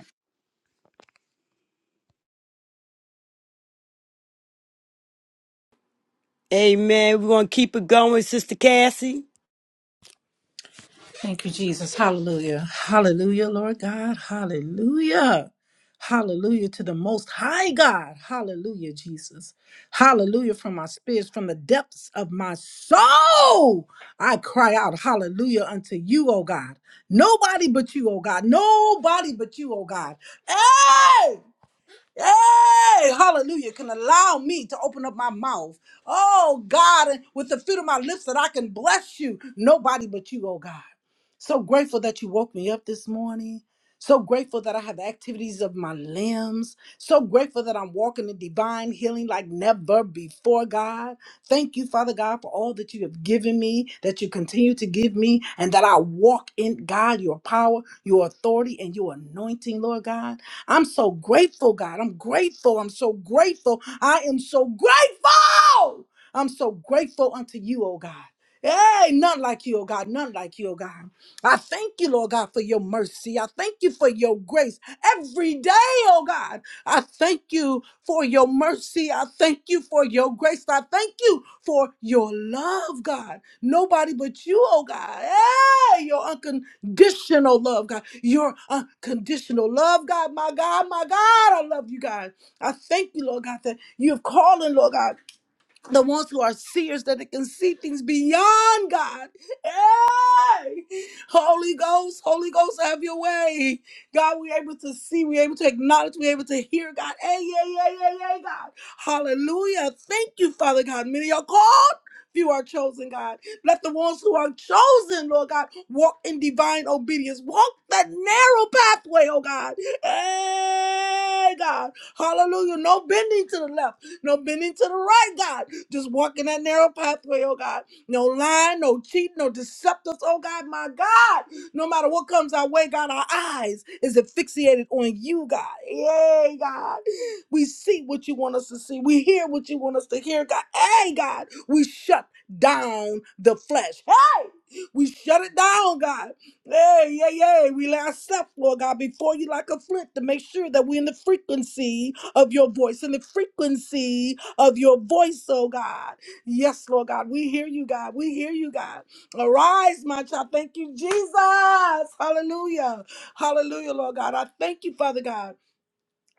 A: Amen. We're gonna keep it going, Sister Cassie.
F: Thank you, Jesus. Hallelujah. Hallelujah, Lord God. Hallelujah. Hallelujah to the most high God. Hallelujah, Jesus. Hallelujah from my spirits, from the depths of my soul. I cry out, Hallelujah unto you, oh God. Nobody but you, oh God. Nobody but you, oh God. Hey. Hey, hallelujah, can allow me to open up my mouth. Oh God, and with the fruit of my lips that I can bless you. Nobody but you, oh God. So grateful that you woke me up this morning. So grateful that I have the activities of my limbs. So grateful that I'm walking in divine healing like never before, God. Thank you, Father God, for all that you have given me, that you continue to give me, and that I walk in God, your power, your authority, and your anointing, Lord God. I'm so grateful, God. I'm grateful. I'm so grateful. I am so grateful. I'm so grateful unto you, oh God. Hey, none like you, oh God, none like you, oh God. I thank you, Lord God, for your mercy. I thank you for your grace every day, oh God. I thank you for your mercy. I thank you for your grace. I thank you for your love, God. Nobody but you, oh God. Hey, your uncle unconditional love, God. Your unconditional love, God. My God, my God, I love you, God. I thank you, Lord God, that you have called in, Lord God the ones who are seers that they can see things beyond God. Hey! Holy Ghost, Holy Ghost, have your way. God, we're able to see, we're able to acknowledge, we're able to hear, God. Hey, yeah, yeah, yeah, yeah, God. Hallelujah. Thank you, Father God. Many are called. few are chosen, God. Let the ones who are chosen, Lord God, walk in divine obedience. Walk that narrow pathway, oh God. Hey, God. Hallelujah. No bending to the left no bending to the right, God. Just walking that narrow pathway, oh God. No lying, no cheating, no deceptives, oh God, my God. No matter what comes our way, God, our eyes is asphyxiated on you, God. Yay, God. We see what you want us to see. We hear what you want us to hear, God. Hey, God, we shut down the flesh. Hey, we shut it down, God. Hey, yeah, yeah. We lay ourselves, Lord God, before you like a flint to make sure that we're in the frequency of your voice and the frequency of your voice, oh God. Yes, Lord God, we hear you, God. We hear you, God. Arise, my child. Thank you, Jesus. Hallelujah. Hallelujah, Lord God. I thank you, Father God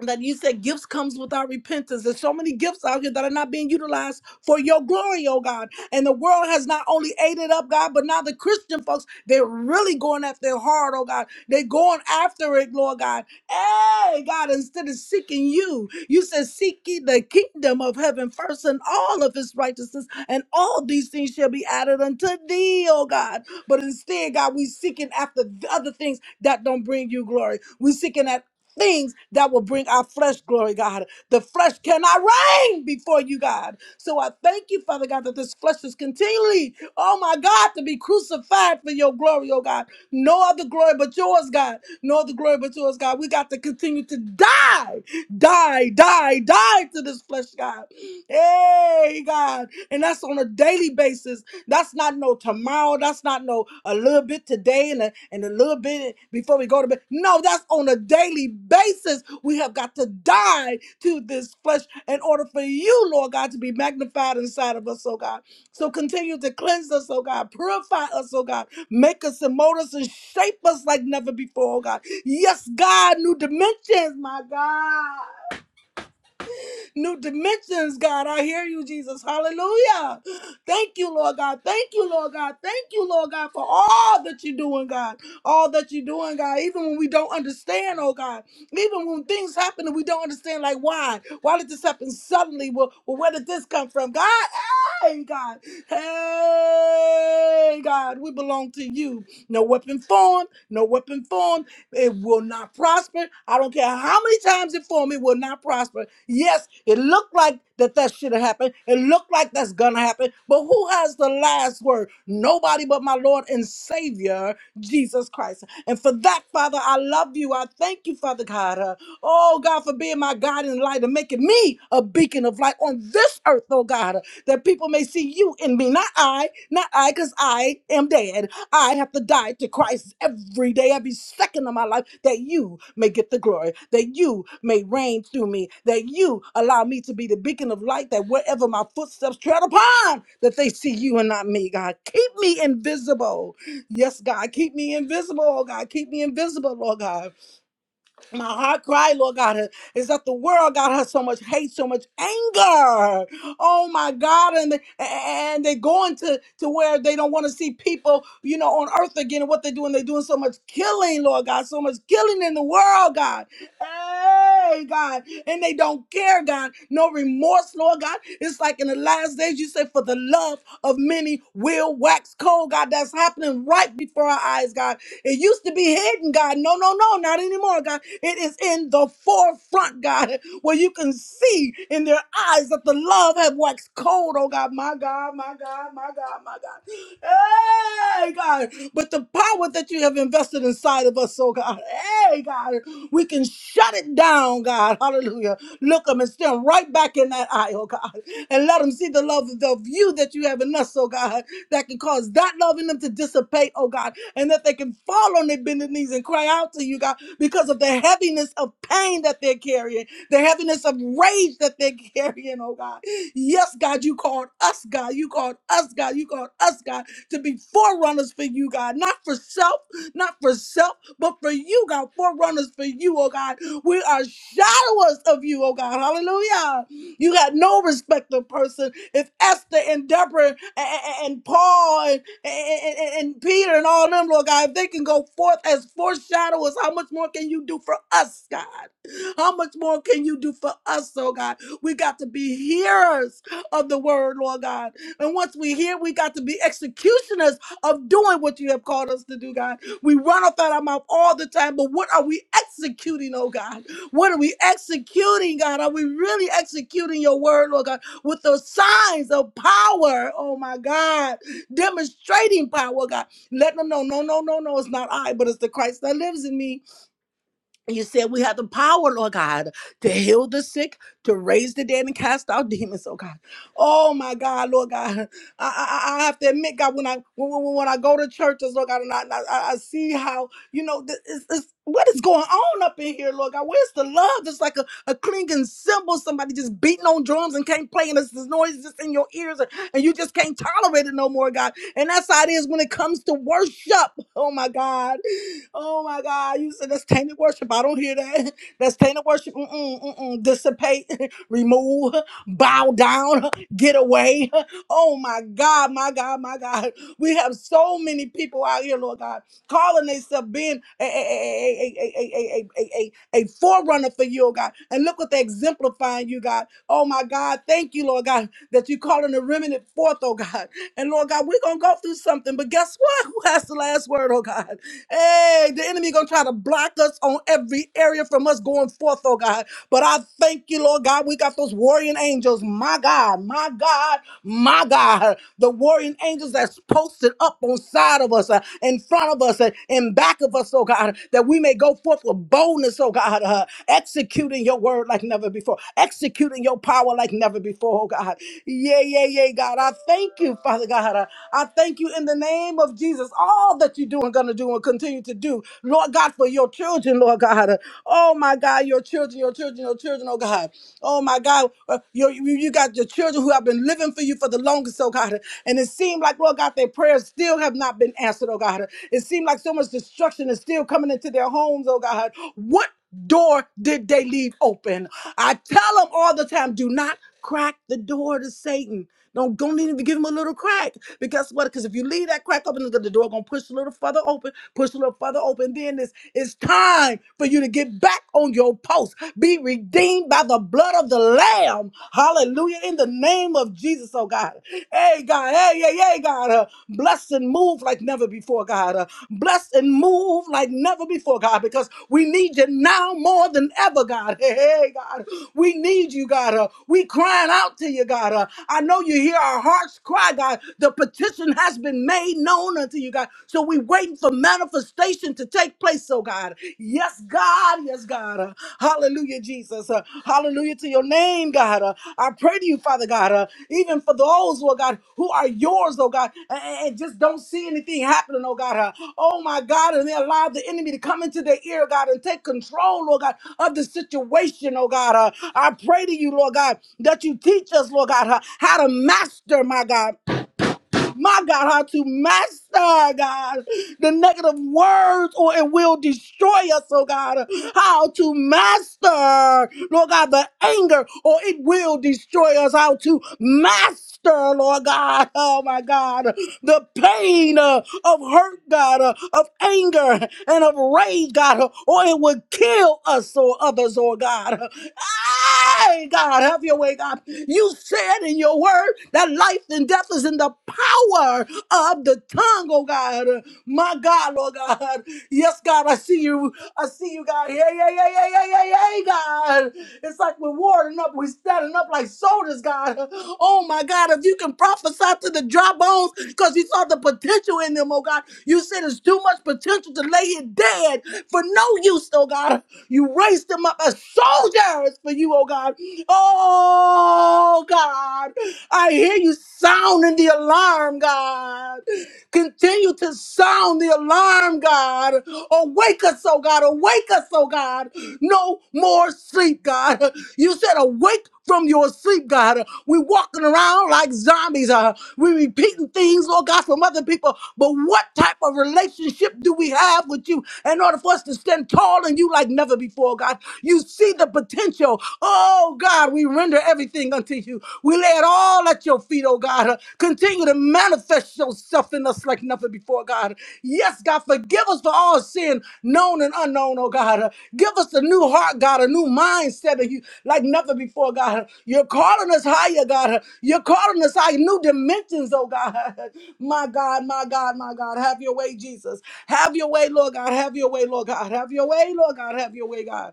F: that you said gifts comes without repentance. There's so many gifts out here that are not being utilized for your glory, oh God. And the world has not only ate it up, God, but now the Christian folks, they're really going at their heart, oh God. They're going after it, Lord God. Hey, God, instead of seeking you, you said seek ye the kingdom of heaven first and all of his righteousness, and all these things shall be added unto thee, oh God. But instead, God, we seeking after the other things that don't bring you glory. We seeking that things that will bring our flesh glory, God. The flesh cannot reign before you, God. So I thank you, Father God, that this flesh is continually, oh my God, to be crucified for your glory, oh God. No other glory but yours, God. No other glory but yours, God. We got to continue to die, die, die, die to this flesh, God. Hey, God. And that's on a daily basis. That's not no tomorrow. That's not no a little bit today and a, and a little bit before we go to bed. No, that's on a daily basis. We have got to die to this flesh in order for you, Lord God, to be magnified inside of us, oh God. So continue to cleanse us, oh God. Purify us, oh God. Make us and mold us and shape us like never before, oh God. Yes, God, new dimensions, my God new dimensions, God. I hear you, Jesus. Hallelujah. Thank you, Lord God. Thank you, Lord God. Thank you, Lord God, for all that you're doing, God. All that you're doing, God. Even when we don't understand, oh God. Even when things happen and we don't understand, like why? Why did this happen suddenly? Well, well where did this come from? God, Hey, God. Hey, God. We belong to you. No weapon formed, no weapon formed. It will not prosper. I don't care how many times it formed, it will not prosper. Yes, it looked like that that should have happened. It looked like that's gonna happen. But who has the last word? Nobody but my Lord and Savior, Jesus Christ. And for that, Father, I love you. I thank you, Father God. Uh, Oh, God, for being my God and light and making me a beacon of light on this earth, oh God, that people may see you in me. Not I, not I, because I am dead. I have to die to Christ every day, every second of my life, that you may get the glory, that you may reign through me, that you allow me to be the beacon of light, that wherever my footsteps tread upon, that they see you and not me, God. Keep me invisible. Yes, God, keep me invisible, oh God. Keep me invisible, Lord God. My heart cry, Lord God, uh, is that the world God has so much hate, so much anger. Oh my God, and they, and they going to to where they don't want to see people, you know, on earth again. And what they're doing, they're doing so much killing, Lord God, so much killing in the world, God. Hey, God. And they don't care, God. No remorse, Lord God. It's like in the last days, you said, for the love of many will wax cold, God. That's happening right before our eyes, God. It used to be hidden, God. No, no, no, not anymore, God. It is in the forefront, God, where you can see in their eyes that the love have waxed cold, oh God. My God, my God, my God, my God. Hey, God. But the power that you have invested inside of us, oh God. Hey, God. We can shut it down, God. Hallelujah. Look them and stand right back in that eye, oh God. And let them see the love of you that you have in us, oh God, that can cause that love in them to dissipate, oh God, and that they can fall on their bended knees and cry out to you, God, because of the heaviness of pain that they're carrying, the heaviness of rage that they're carrying, oh God. Yes, God, you called us, God. You called us, God. You called us, God, to be forerunners for you, God, not for self not for self, but for you, God. Forerunners for you, oh God. We are shadowers of you, oh God. Hallelujah. You got no respect of person. If Esther and Deborah and, and- and Paul and, and, and- and Peter and all them, Lord God, if they can go forth as foreshadowers, how much more can you do for us, God? How much more can you do for us, oh God? We got to be hearers of the word, Lord God. And once we hear, we got to be executioners of doing what you have called us to do, God. We run off out our mouth all the time, but what are we executing, oh God? What are we executing, God? Are we really executing your word, Lord God, with the signs of power, oh my God, demonstrating power, God? Let them know, no, no, no, no, it's not I, but it's the Christ that lives in me. You said we have the power, Lord God, to heal the sick, to raise the dead, and cast out demons, oh God. Oh my God, Lord God. I, I, I have to admit, God, when I when, when, when I go to churches, Lord God, and I, I, I see how, you know, this, is is- what is going on up in here, Lord God? Where's the love? It's like a, a clinking cymbal, somebody just beating on drums and can't play, and it's this noise just in your ears, and, and you just can't tolerate it no more, God. And that's how it is when it comes to worship. Oh my God. Oh my God, you said that's tainted worship. I don't hear that. That's tainted worship. Mm-mm, mm-mm. Dissipate, remove, bow down, get away. Oh my God, my God, my God. We have so many people out here, Lord God, calling themselves being a, a, a, a, a, a, a, a, a a forerunner for you, oh God. And look what they're exemplifying, you God. Oh my God, thank you, Lord God, that you're calling the remnant forth, oh God. And Lord God, we're going to go through something, but guess what? Who has the last word, oh God? Hey, the enemy gonna try to block us on every area from us going forth, oh God. But I thank you, Lord God. We got those warring angels, my God, my God, my God. The warring angels that's posted up on side of us, uh, in front of us, uh, in back of us, oh God, that we may go forth with boldness, oh God, uh, executing your word like never before, executing your power like never before, oh God. Yeah, yeah, yeah, God. I thank you, Father God. Uh, I thank you in the name of Jesus. All the all that you do and going to do and continue to do. Lord God, for your children, Lord God. Oh my God, your children, your children, your children, oh God. Oh my God, uh, your- you, you got your children who have been living for you for the longest, oh God. And it seemed like, Lord God, their prayers still have not been answered, oh God. It seemed like so much destruction is still coming into their homes, oh God. What door did they leave open? I tell them all the time, do not crack the door to Satan. Don't go not even give him a little crack. Because what? Because if you leave that crack open, the door gonna push a little further open, push a little further open. Then it's it's time for you to get back on your post. Be redeemed by the blood of the Lamb. Hallelujah. In the name of Jesus, oh God. Hey God. God. Hey, yeah, yeah, God. Uh, bless and move like never before, God. Uh, bless and move like never before, God, because we need you now more than ever, God. Hey, hey, God. We need you, God. Uh, we crying out to you, God. Uh, I know you hear our hearts cry, God. The petition has been made known unto you, God. So we waiting for manifestation to take place, oh God. Yes, God body us, God. Uh, Hallelujah, Jesus. Uh, Hallelujah to your name, God. Uh, I pray to you, Father God, uh, even for those, Lord God, who are yours, oh God, and, and just don't see anything happening, oh God. Uh, oh my God, and they allow the enemy to come into their ear, God, and take control, Lord God, of the situation, oh God. Uh, I pray to you, Lord God, that you teach us, Lord God, uh, how to master, my God my God, how to master, God, the negative words or it will destroy us, oh God. How to master, Lord God, the anger or it will destroy us. How to master, Lord God, oh my God, the pain uh, of hurt, God, uh, of anger and of rage, God, uh, or it will kill us or others, oh God. Hey, God, have your way, God. You said in your word that life and death is in the power of the tongue, oh God. My God, Lord God. Yes, God, I see you. I see you, God. Yeah, yeah, yeah, yeah, yeah, yeah, yeah, God. It's like we're warding up, we're standing up like soldiers, God. Oh my God, if you can prophesy to the dry bones because you saw the potential in them, oh God. You said it's too much potential to lay here dead for no use, oh God. You raised them up as soldiers for you, oh God. Oh God, I hear you sounding the alarm, God. Continue to sound the alarm, God. Awake us, oh God. Awake us, oh God. No more sleep, God. You said awake from your sleep, God. we walking around like zombies. Uh, we repeating things, Lord God, from other people. But what type of relationship do we have with you in order for us to stand tall in you like never before, God? You see the potential. Oh, God, we render everything unto you. We lay it all at your feet, oh God. Continue to manifest yourself in us like nothing before, God. Yes, God, forgive us for all sin, known and unknown, oh God. Give us a new heart, God, a new mindset of you like nothing before, God. You're calling us higher, God. You're calling us higher, new dimensions, oh God. My God, my God, my God. Have your way, Jesus. Have your way, Lord God. Have your way, Lord God. Have your way, Lord God. Have your way, God.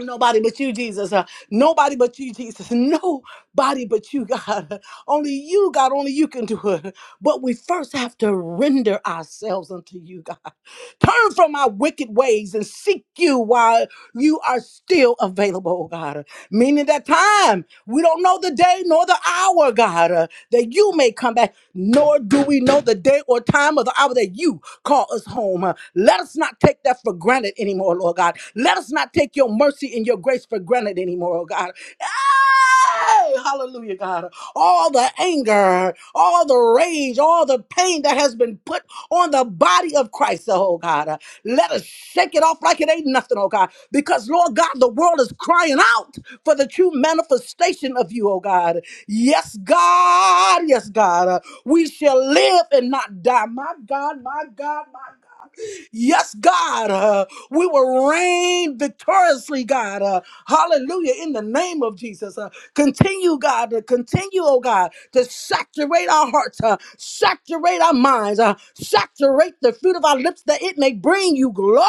F: Nobody but you, Jesus. Uh, nobody but you, Jesus. Nobody but you, God. Only you, God. Only you can do it. But we first have to render ourselves unto you, God. Turn from our wicked ways and seek you while you are still available, oh God. Meaning that time, we don't know the day nor the hour, God, uh, that you may come back, nor do we know the day or time or the hour that you call us home. uh. Let us not take that for granted anymore, Lord God. Let us not take your mercy and your grace for granted anymore, oh God. Ah! Hey, hallelujah, God. All the anger, all the rage, all the pain that has been put on the body of Christ, oh God. Let us shake it off like it ain't nothing, oh God. Because, Lord God, the world is crying out for the true manifestation of you, oh God. Yes, God. Yes, God. We shall live and not die. My God, my God, my God. Yes, God, uh, we will reign victoriously, God. Uh, hallelujah, in the name of Jesus. Uh, continue, God, to continue, oh God, to saturate our hearts, uh, saturate our minds, uh, saturate the fruit of our lips that it may bring you glory.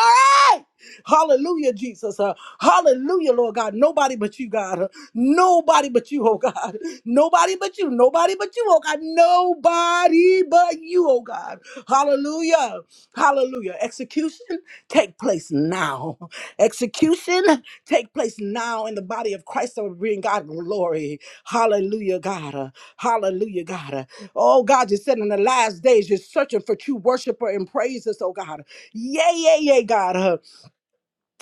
F: Hallelujah, Jesus. Uh, hallelujah, Lord God. Nobody but you, God. Uh, nobody but you, oh God. Nobody but you. Nobody but you, oh God. Nobody but you, oh God. Hallelujah. Hallelujah. Execution take place now. Execution take place now in the body of Christ that will bring God glory. Hallelujah, God. Uh, Hallelujah, God. Uh, Oh, God, you said in the last days you're searching for true worshiper and praises, oh God. Yay, yay, yay, God.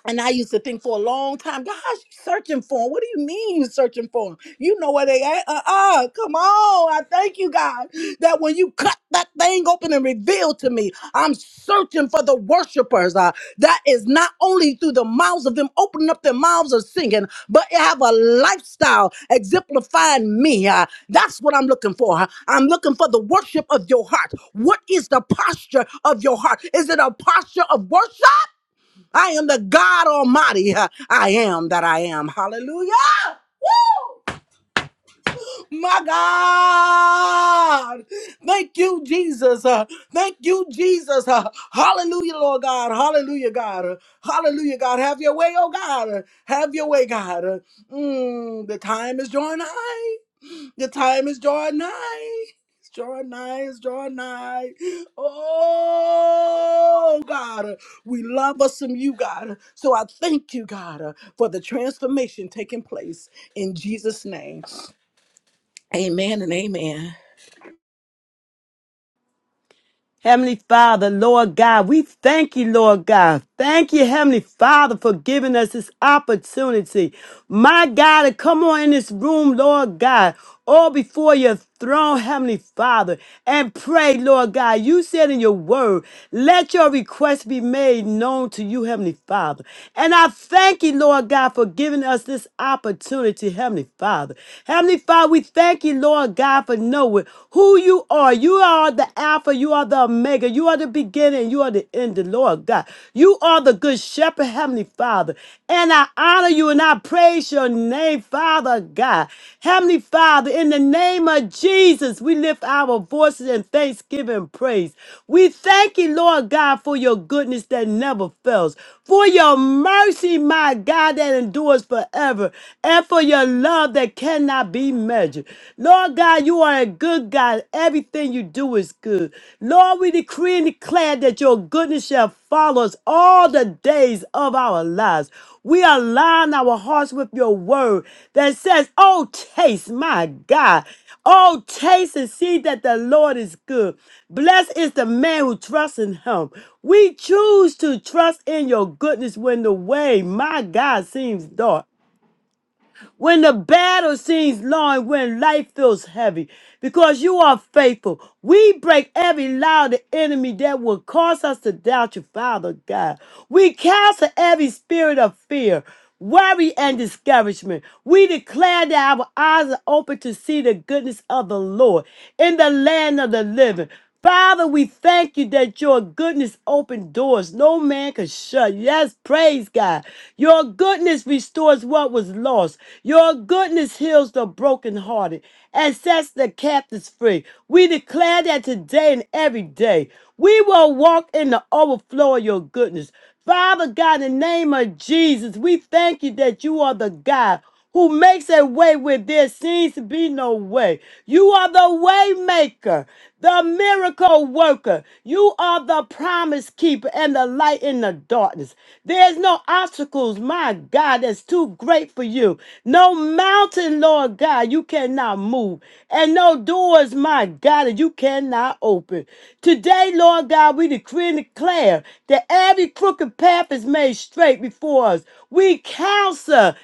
F: And I used to think for a long time, gosh, you searching for him. What do you mean you searching for him? You know where they at. Uh-uh, come on. I thank you, God, that when you cut that thing open and reveal to me, I'm searching for the worshipers. Uh, that is not only through the mouths of them opening up their mouths of singing, but they have a lifestyle exemplifying me. Uh, that's what I'm looking for. Uh, I'm looking for the worship of your heart. What is the posture of your heart? Is it a posture of worship? I am the God Almighty. I am that I am. Hallelujah. Woo! My God. Thank you, Jesus. Uh, thank you, Jesus. Uh, hallelujah, Lord God. Hallelujah, God. Uh, hallelujah, God. Have your way, oh God. Uh, have your way, God. Uh, mm, the time is drawing nigh. The time is drawing nigh. It's drawing nigh. It's drawing nigh. Oh, God. We love us some you, God. So I thank you, God, for the transformation taking place in Jesus' name. Amen and amen.
A: Heavenly Father, Lord God, we thank you, Lord God. Thank you, Heavenly Father, for giving us this opportunity. My God, to come on in this room, Lord God, all before your throne, Heavenly Father, and pray, Lord God. You said in your word, let your request be made known to you, Heavenly Father. And I thank you, Lord God, for giving us this opportunity, Heavenly Father. Heavenly Father, we thank you, Lord God, for knowing who you are. You are the Alpha, you are the Omega, you are the beginning, you are the end, the Lord God. You are the good shepherd, Heavenly Father. And I honor you and I praise your name, Father God. Heavenly Father, in the name of Jesus, we lift our voices in thanksgiving and praise. We thank you, Lord God, for your goodness that never fails, for your mercy, my God, that endures forever, and for your love that cannot cannot be measured. Lord God, you are a good God. Everything you do is good. Lord, we decree and declare that your goodness shall follow us all the days of our lives. We align our hearts with your word that says, Oh, taste, my God. Oh, taste and see that the Lord is good. Blessed is the man who trusts in him. We choose to trust in your goodness when the way, my God, seems dark when the battle seems long, and when life feels heavy, because you are faithful. We break every lie of the enemy that will cause us to doubt you, Father God. We cancel every spirit of fear worry and discouragement. We declare that our eyes are open to see the goodness of the Lord in the land of the living. Father, we thank you that your goodness opened doors no man could shut. Yes, praise God. Your goodness restores what was lost. Your goodness heals the brokenhearted and sets the captives free. We declare that today and every day we will walk in the overflow of your goodness. Father God, in the name of Jesus, we thank you that you are the God who makes a way where there seems to be no way. You are the way maker, the miracle worker. You are the promise keeper and the light in the darkness. There's no obstacles, my God, that's too great for you. No mountain, Lord God, you cannot move. And no doors, my God, that you cannot open. Today, Lord God, we decree and declare that every crooked path is made straight before us. We counsel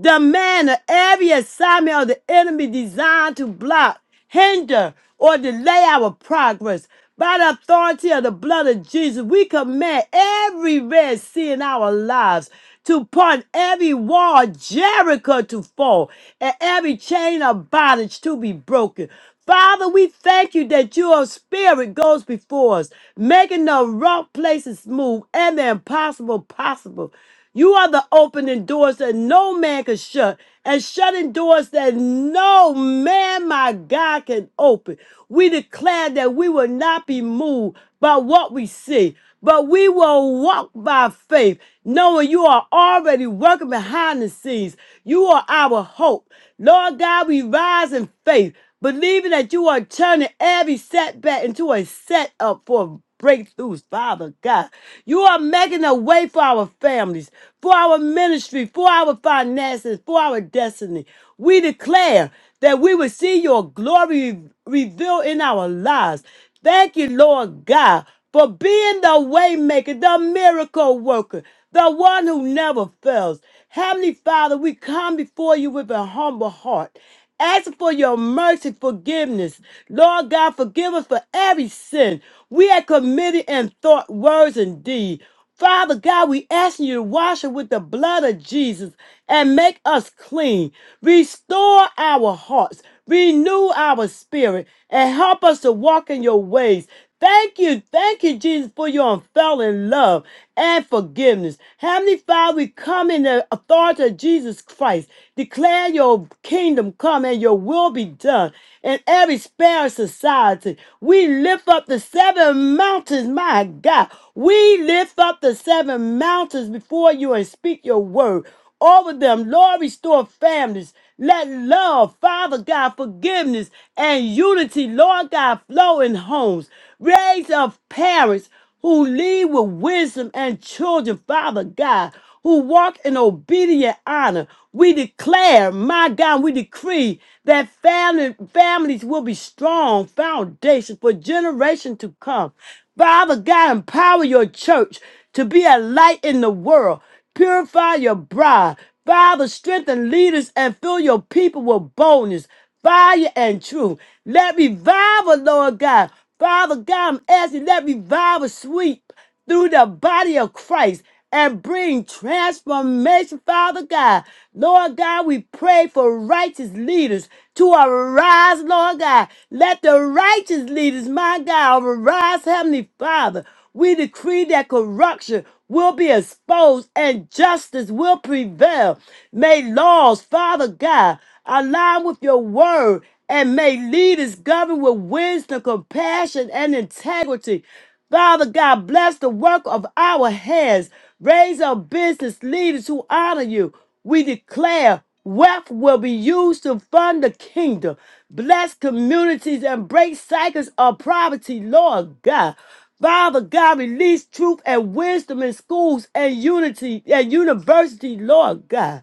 A: demand of every assignment of the enemy designed to block, hinder, or delay our progress. By the authority of the blood of Jesus, we command every red sea in our lives to part, every wall of Jericho to fall, and every chain of bondage to be broken. Father, we thank you that your spirit goes before us, making the rough places smooth and the impossible possible. You are the opening doors that no man can shut, and shutting doors that no man, my God, can open. We declare that we will not be moved by what we see, but we will walk by faith, knowing you are already working behind the scenes. You are our hope. Lord God, we rise in faith believing that you are turning every setback into a setup for breakthroughs, Father God. You are making a way for our families, for our ministry, for our finances, for our destiny. We declare that we will see your glory revealed in our lives. Thank you, Lord God, for being the waymaker, the miracle worker, the one who never fails. Heavenly Father, we come before you with a humble heart Ask for your mercy, forgiveness. Lord God, forgive us for every sin we have committed in thought, words, and deed. Father God, we asking you to wash us with the blood of Jesus and make us clean. Restore our hearts, renew our spirit, and help us to walk in your ways. Thank you, thank you, Jesus, for your unfailing love and forgiveness. Heavenly Father, we come in the authority of Jesus Christ. Declare your kingdom come and your will be done in every spare society. We lift up the seven mountains, my God. We lift up the seven mountains before you and speak your word over them. Lord, restore families. Let love, Father God, forgiveness and unity, Lord God, flow in homes. Raise up parents who lead with wisdom and children, Father God, who walk in obedient honor. We declare, my God, we decree that family, families will be strong foundations for generations to come. Father God, empower your church to be a light in the world. Purify your bride. Father, strengthen leaders and fill your people with boldness, fire, and truth. Let revival, Lord God. Father God, I'm asking, let revival sweep through the body of Christ and bring transformation, Father God. Lord God, we pray for righteous leaders to arise, Lord God. Let the righteous leaders, my God, arise, Heavenly Father. We decree that corruption will be exposed and justice will prevail. May laws, Father God, align with your word and may leaders govern with wisdom, compassion, and integrity. Father God, bless the work of our hands. Raise up business leaders who honor you. We declare wealth will be used to fund the kingdom. Bless communities and break cycles of poverty, Lord God. Father God, release truth and wisdom in schools and unity and university, Lord God.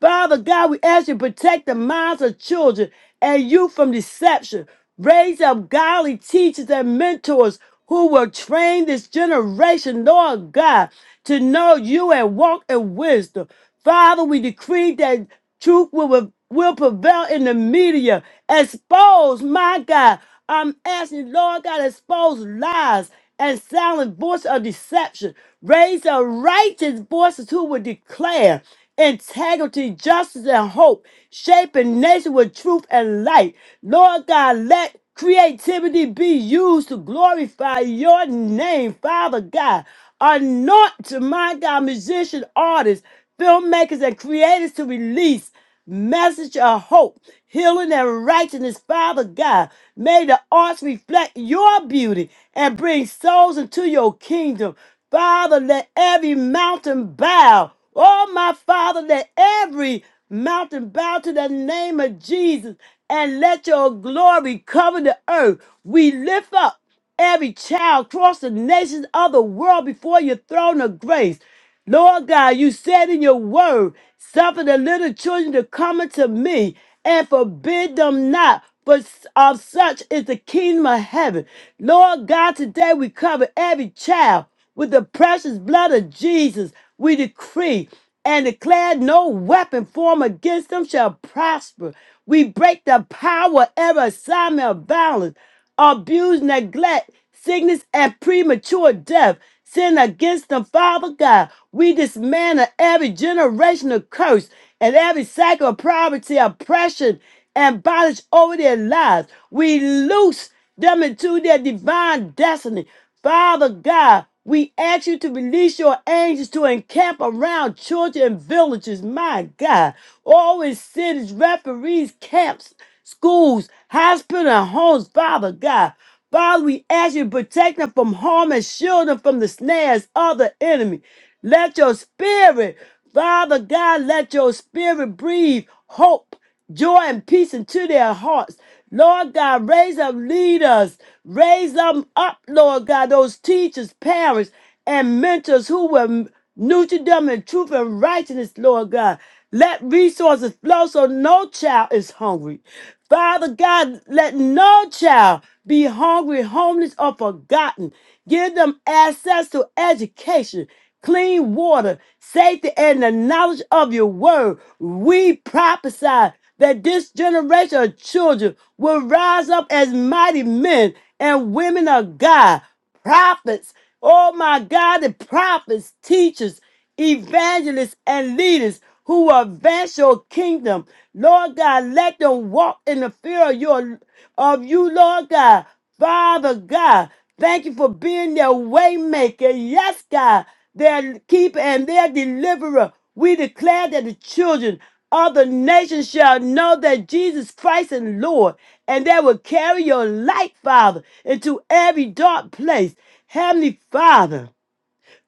A: Father God, we ask you to protect the minds of children and youth from deception. Raise up godly teachers and mentors who will train this generation, Lord God, to know you and walk in wisdom. Father, we decree that truth will, will prevail in the media. Expose, my God. I'm asking, Lord God, expose lies and silent voice of deception. Raise a righteous voices who will declare integrity, justice, and hope, shaping nation with truth and light. Lord God, let creativity be used to glorify your name, Father God. Anoint my God, musician, artists, filmmakers and creators to release message of hope, healing, and righteousness. Father God, may the arts reflect your beauty and bring souls into your kingdom. Father, let every mountain bow. Oh, my Father, let every mountain bow to the name of Jesus and let your glory cover the earth. We lift up every child across the nations of the world before your throne of grace. Lord God, you said in your word, suffer the little children to come unto me and forbid them not. For of such is the kingdom of heaven. Lord God, today we cover every child with the precious blood of Jesus. We decree and declare no weapon formed against them shall prosper. We break the power of every assignment of violence abuse, neglect, sickness, and premature death. Sin against the Father God. We dismantle every generational curse and every cycle of poverty, oppression, and bondage over their lives. We loose them into their divine destiny. Father God, we ask you to release your angels to encamp around children and villages, my God. All in cities, referees, camps, schools, hospitals, and homes, Father God. Father, we ask you to protect them from harm and shield them from the snares of the enemy. Let your spirit, Father God, let your spirit breathe hope joy and peace into their hearts. Lord God, raise up leaders, raise them up, Lord God, those teachers, parents, and mentors who will nurture them in truth and righteousness, Lord God. Let resources flow so no child is hungry. Father God, let no child be hungry, homeless, or forgotten. Give them access to education clean water, safety, and the knowledge of your word. We prophesy that this generation of children will rise up as mighty men and women of God, prophets. Oh my God, the prophets, teachers, evangelists, and leaders who will advance your kingdom. Lord God, let them walk in the fear of your of you, Lord God. Father God, thank you for being their waymaker. Yes, God, their keeper and their deliverer. We declare that the children of the nation shall know that Jesus Christ is Lord, and they will carry your light, Father, into every dark place. Heavenly Father.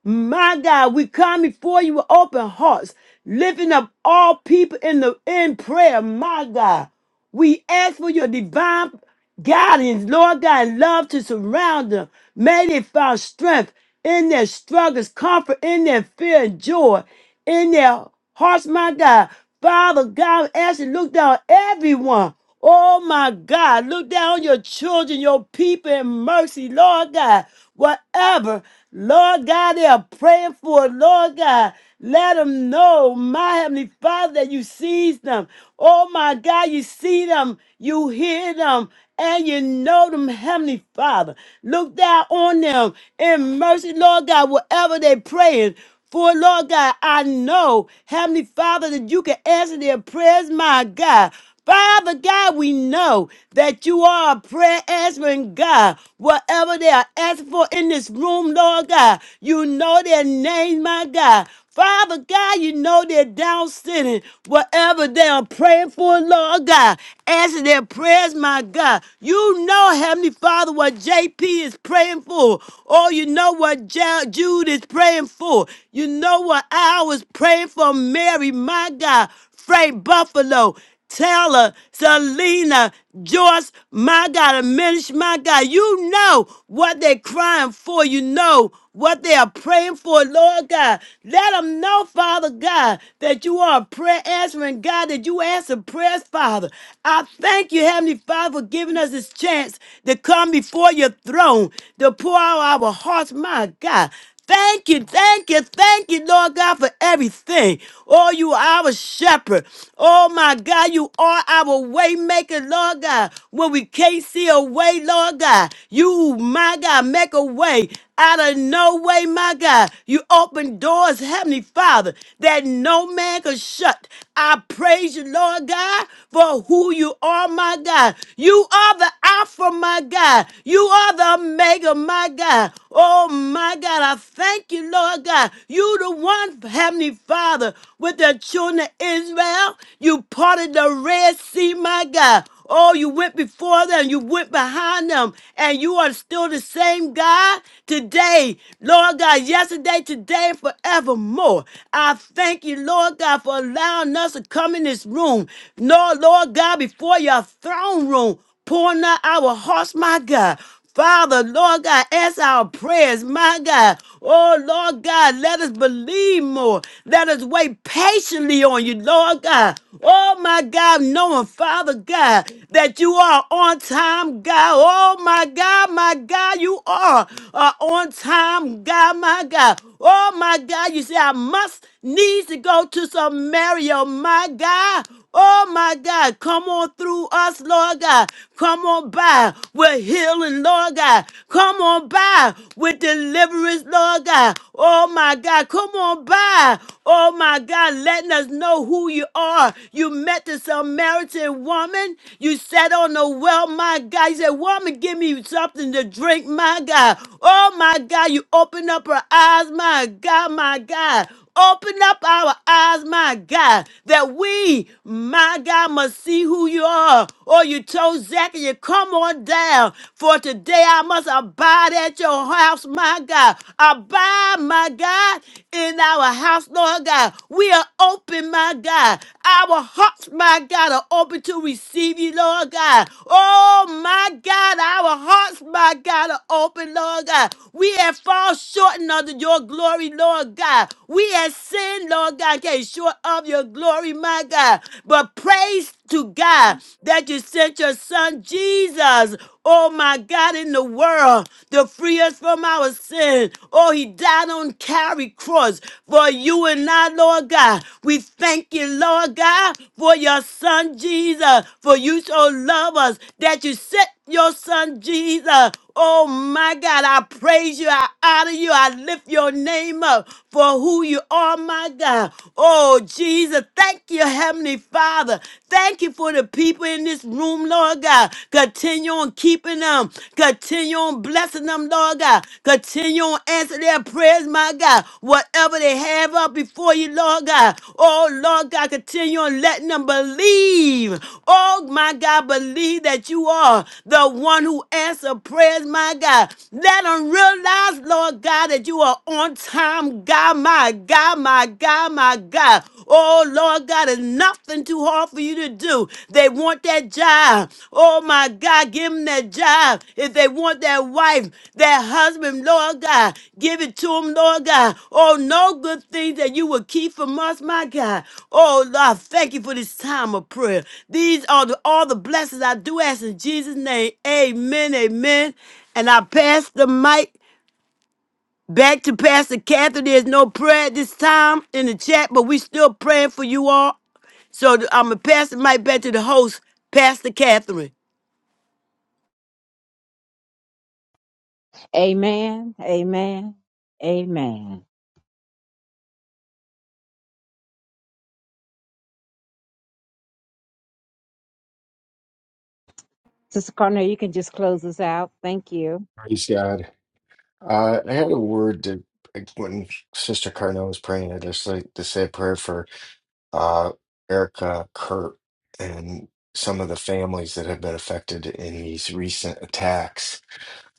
A: My God, we come before you with open hearts, lifting up all people in the in prayer. My God, we ask for your divine guidance, Lord God, and love to surround them. May they find strength in their struggles, comfort in their fear and joy in their hearts, my God. Father God, I ask you to look down everyone. Oh my God, look down on your children, your people in mercy, Lord God. Whatever, Lord God, they are praying for, Lord God. Let them know, my Heavenly Father, that you see them. Oh my God, you see them, you hear them, and you know them, Heavenly Father. Look down on them in mercy, Lord God, whatever they praying. For Lord God, I know, Heavenly Father, that you can answer their prayers, my God. Father God, we know that you are a prayer answering God. Whatever they are asking for in this room, Lord God, you know their names, my God. Father God, you know they're down sitting, whatever they are praying for, Lord God. Answer their prayers, my God. You know, Heavenly Father, what JP is praying for. Oh, you know what Ja- Jude is praying for. You know what I was praying for Mary, my God. Frey Buffalo, Taylor, Selena, Joyce, my God, Minish, my God. You know what they're crying for. You know what they are praying for, Lord God. Let them know, Father God, that you are a prayer answering God, that you answer prayers, Father. I thank you, Heavenly Father, for giving us this chance to come before your throne, to pour out our hearts, my God. Thank you, thank you, thank you, Lord God, for everything. Oh, you are our shepherd. Oh, my God, you are our way maker, Lord God. When we can't see a way, Lord God, you, my God, make a way out of no way, my God. You open doors, Heavenly Father, that no man can shut. I praise you, Lord God, for who you are, my God. You are the Alpha, my God. You are the Omega, my my God. Oh my God. I thank you, Lord God. You the one, Heavenly Father, with the children of Israel. You parted the Red Sea, my God. Oh, you went before them, you went behind them, and you are still the same God today, Lord God, yesterday, today, and forevermore. I thank you, Lord God, for allowing us to come in this room. No, Lord God, before your throne room pouring out our hearts, my God. Father, Lord God, answer our prayers, my God. Oh, Lord God, let us believe more. Let us wait patiently on you, Lord God. Oh, my God, knowing, Father God, that you are on time, God. Oh, my God, my God, you are uh, on time, God, my God. Oh, my God, you say I must needs to go to Samaria, my God. Oh my God, come on through us, Lord God. Come on by with healing, Lord God. Come on by with deliverance, Lord God. Oh my God, come on by. Oh my God, letting us know who you are. You met the Samaritan woman. You sat on the well, my God. You said, Woman, give me something to drink, my God. Oh my God, you opened up her eyes, my God, my God. Open up our eyes, my God. God, that we, my God, must see who you are. Or you told Zacchaeus, come on down, for today I must abide at your house, my God. Abide, my God, in our house, Lord God. We are open, my God. Our hearts, my God, are open to receive you, Lord God. Oh, my God, our hearts, my God, are open, Lord God. We have fallen short under your glory, Lord God. We have sinned, Lord God, came short of your glory, my God. But praise to God that you sent your son Jesus, oh my God, in the world to free us from our sin. Oh, he died on Calvary cross for you and I, Lord God. We thank you, Lord God, for your son Jesus, for you so love us that you sent your son Jesus. Oh my God, I praise you. I honor you. I lift your name up for who you are, my God. Oh Jesus, thank you, Heavenly Father. Thank you for the people in this room, Lord God. Continue on keeping them. Continue on blessing them, Lord God. Continue on answering their prayers, my God. Whatever they have up before you, Lord God. Oh, Lord God, continue on letting them believe. Oh, my God, believe that you are the one who answers prayers, my God. Let them realize, Lord God, that you are on time, God, my God, my God, my God. Oh, Lord God, there's nothing too hard for you to do. They want that job. Oh my God, give them that job. If they want that wife, that husband, Lord God, give it to them, Lord God. Oh, no good thing that you will keep from us, my God. Oh, Lord, thank you for this time of prayer. These are the, all the blessings I do ask in Jesus' name. Amen, amen. And I pass the mic Back to Pastor Catherine. There's no prayer at this time in the chat, but we still praying for you all. So I'm going to pass the mic back to the host, Pastor Catherine.
G: Amen. Amen. Amen. Sister Cornell, you can just close us out. Thank you.
D: Praise God. Uh, I had a word that like, when Sister Carnell was praying, I just like to say a prayer for uh, Erica Kurt and some of the families that have been affected in these recent attacks.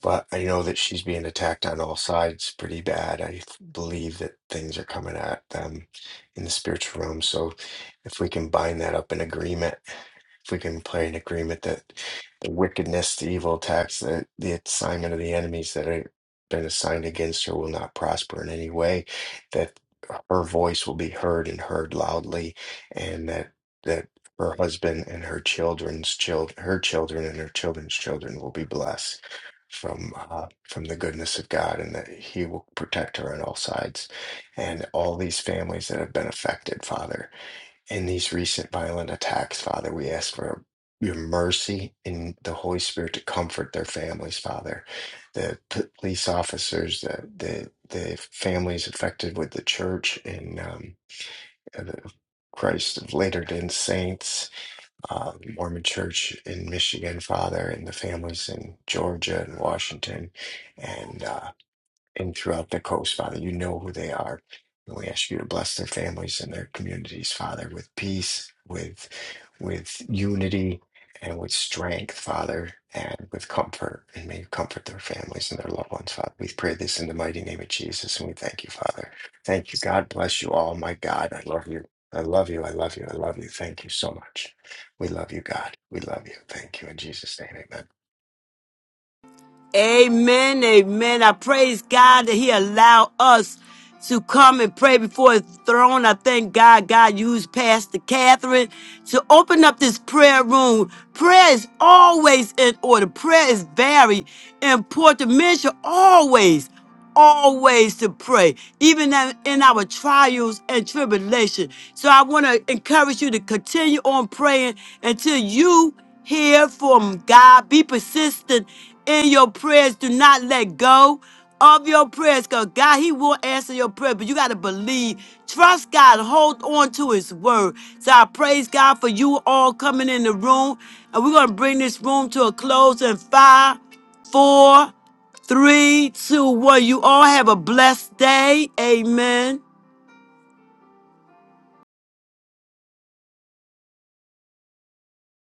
D: But I know that she's being attacked on all sides pretty bad. I f- believe that things are coming at them in the spiritual realm. So if we can bind that up in agreement, if we can play an agreement that the wickedness, the evil attacks, the, the assignment of the enemies that have been assigned against her will not prosper in any way, that her voice will be heard and heard loudly, and that that her husband and her children's child her children and her children's children will be blessed from uh, from the goodness of God and that He will protect her on all sides. And all these families that have been affected, Father, in these recent violent attacks, Father, we ask for your mercy and the Holy Spirit to comfort their families, Father. The p- police officers, the the the families affected with the church and um, the Christ of Latter-day Saints, uh, the Mormon Church in Michigan, Father, and the families in Georgia and Washington, and uh, and throughout the coast, Father. You know who they are. And we ask you to bless their families and their communities, Father, with peace, with with unity, and with strength, Father, and with comfort. And may you comfort their families and their loved ones, Father. We pray this in the mighty name of Jesus, and we thank you, Father. Thank you. God bless you all. My God, I love you. I love you. I love you. I love you. Thank you so much. We love you, God. We love you. Thank you in Jesus' name. Amen.
A: Amen, amen. I praise God that He allowed us to come and pray before His throne. I thank God God used Pastor Catherine to open up this prayer room. Prayer is always in order. Prayer is very important. Men should always always to pray, even in in our trials and tribulation. So I want to encourage you to continue on praying until you hear from God. Be persistent in your prayers. Do not let go of your prayers because God, He will answer your prayer, but you got to believe. Trust God. Hold on to His word. So I praise God for you all coming in the room. And we're going to bring this room to a close in five, four Three, two, one. You all have a blessed day. Amen.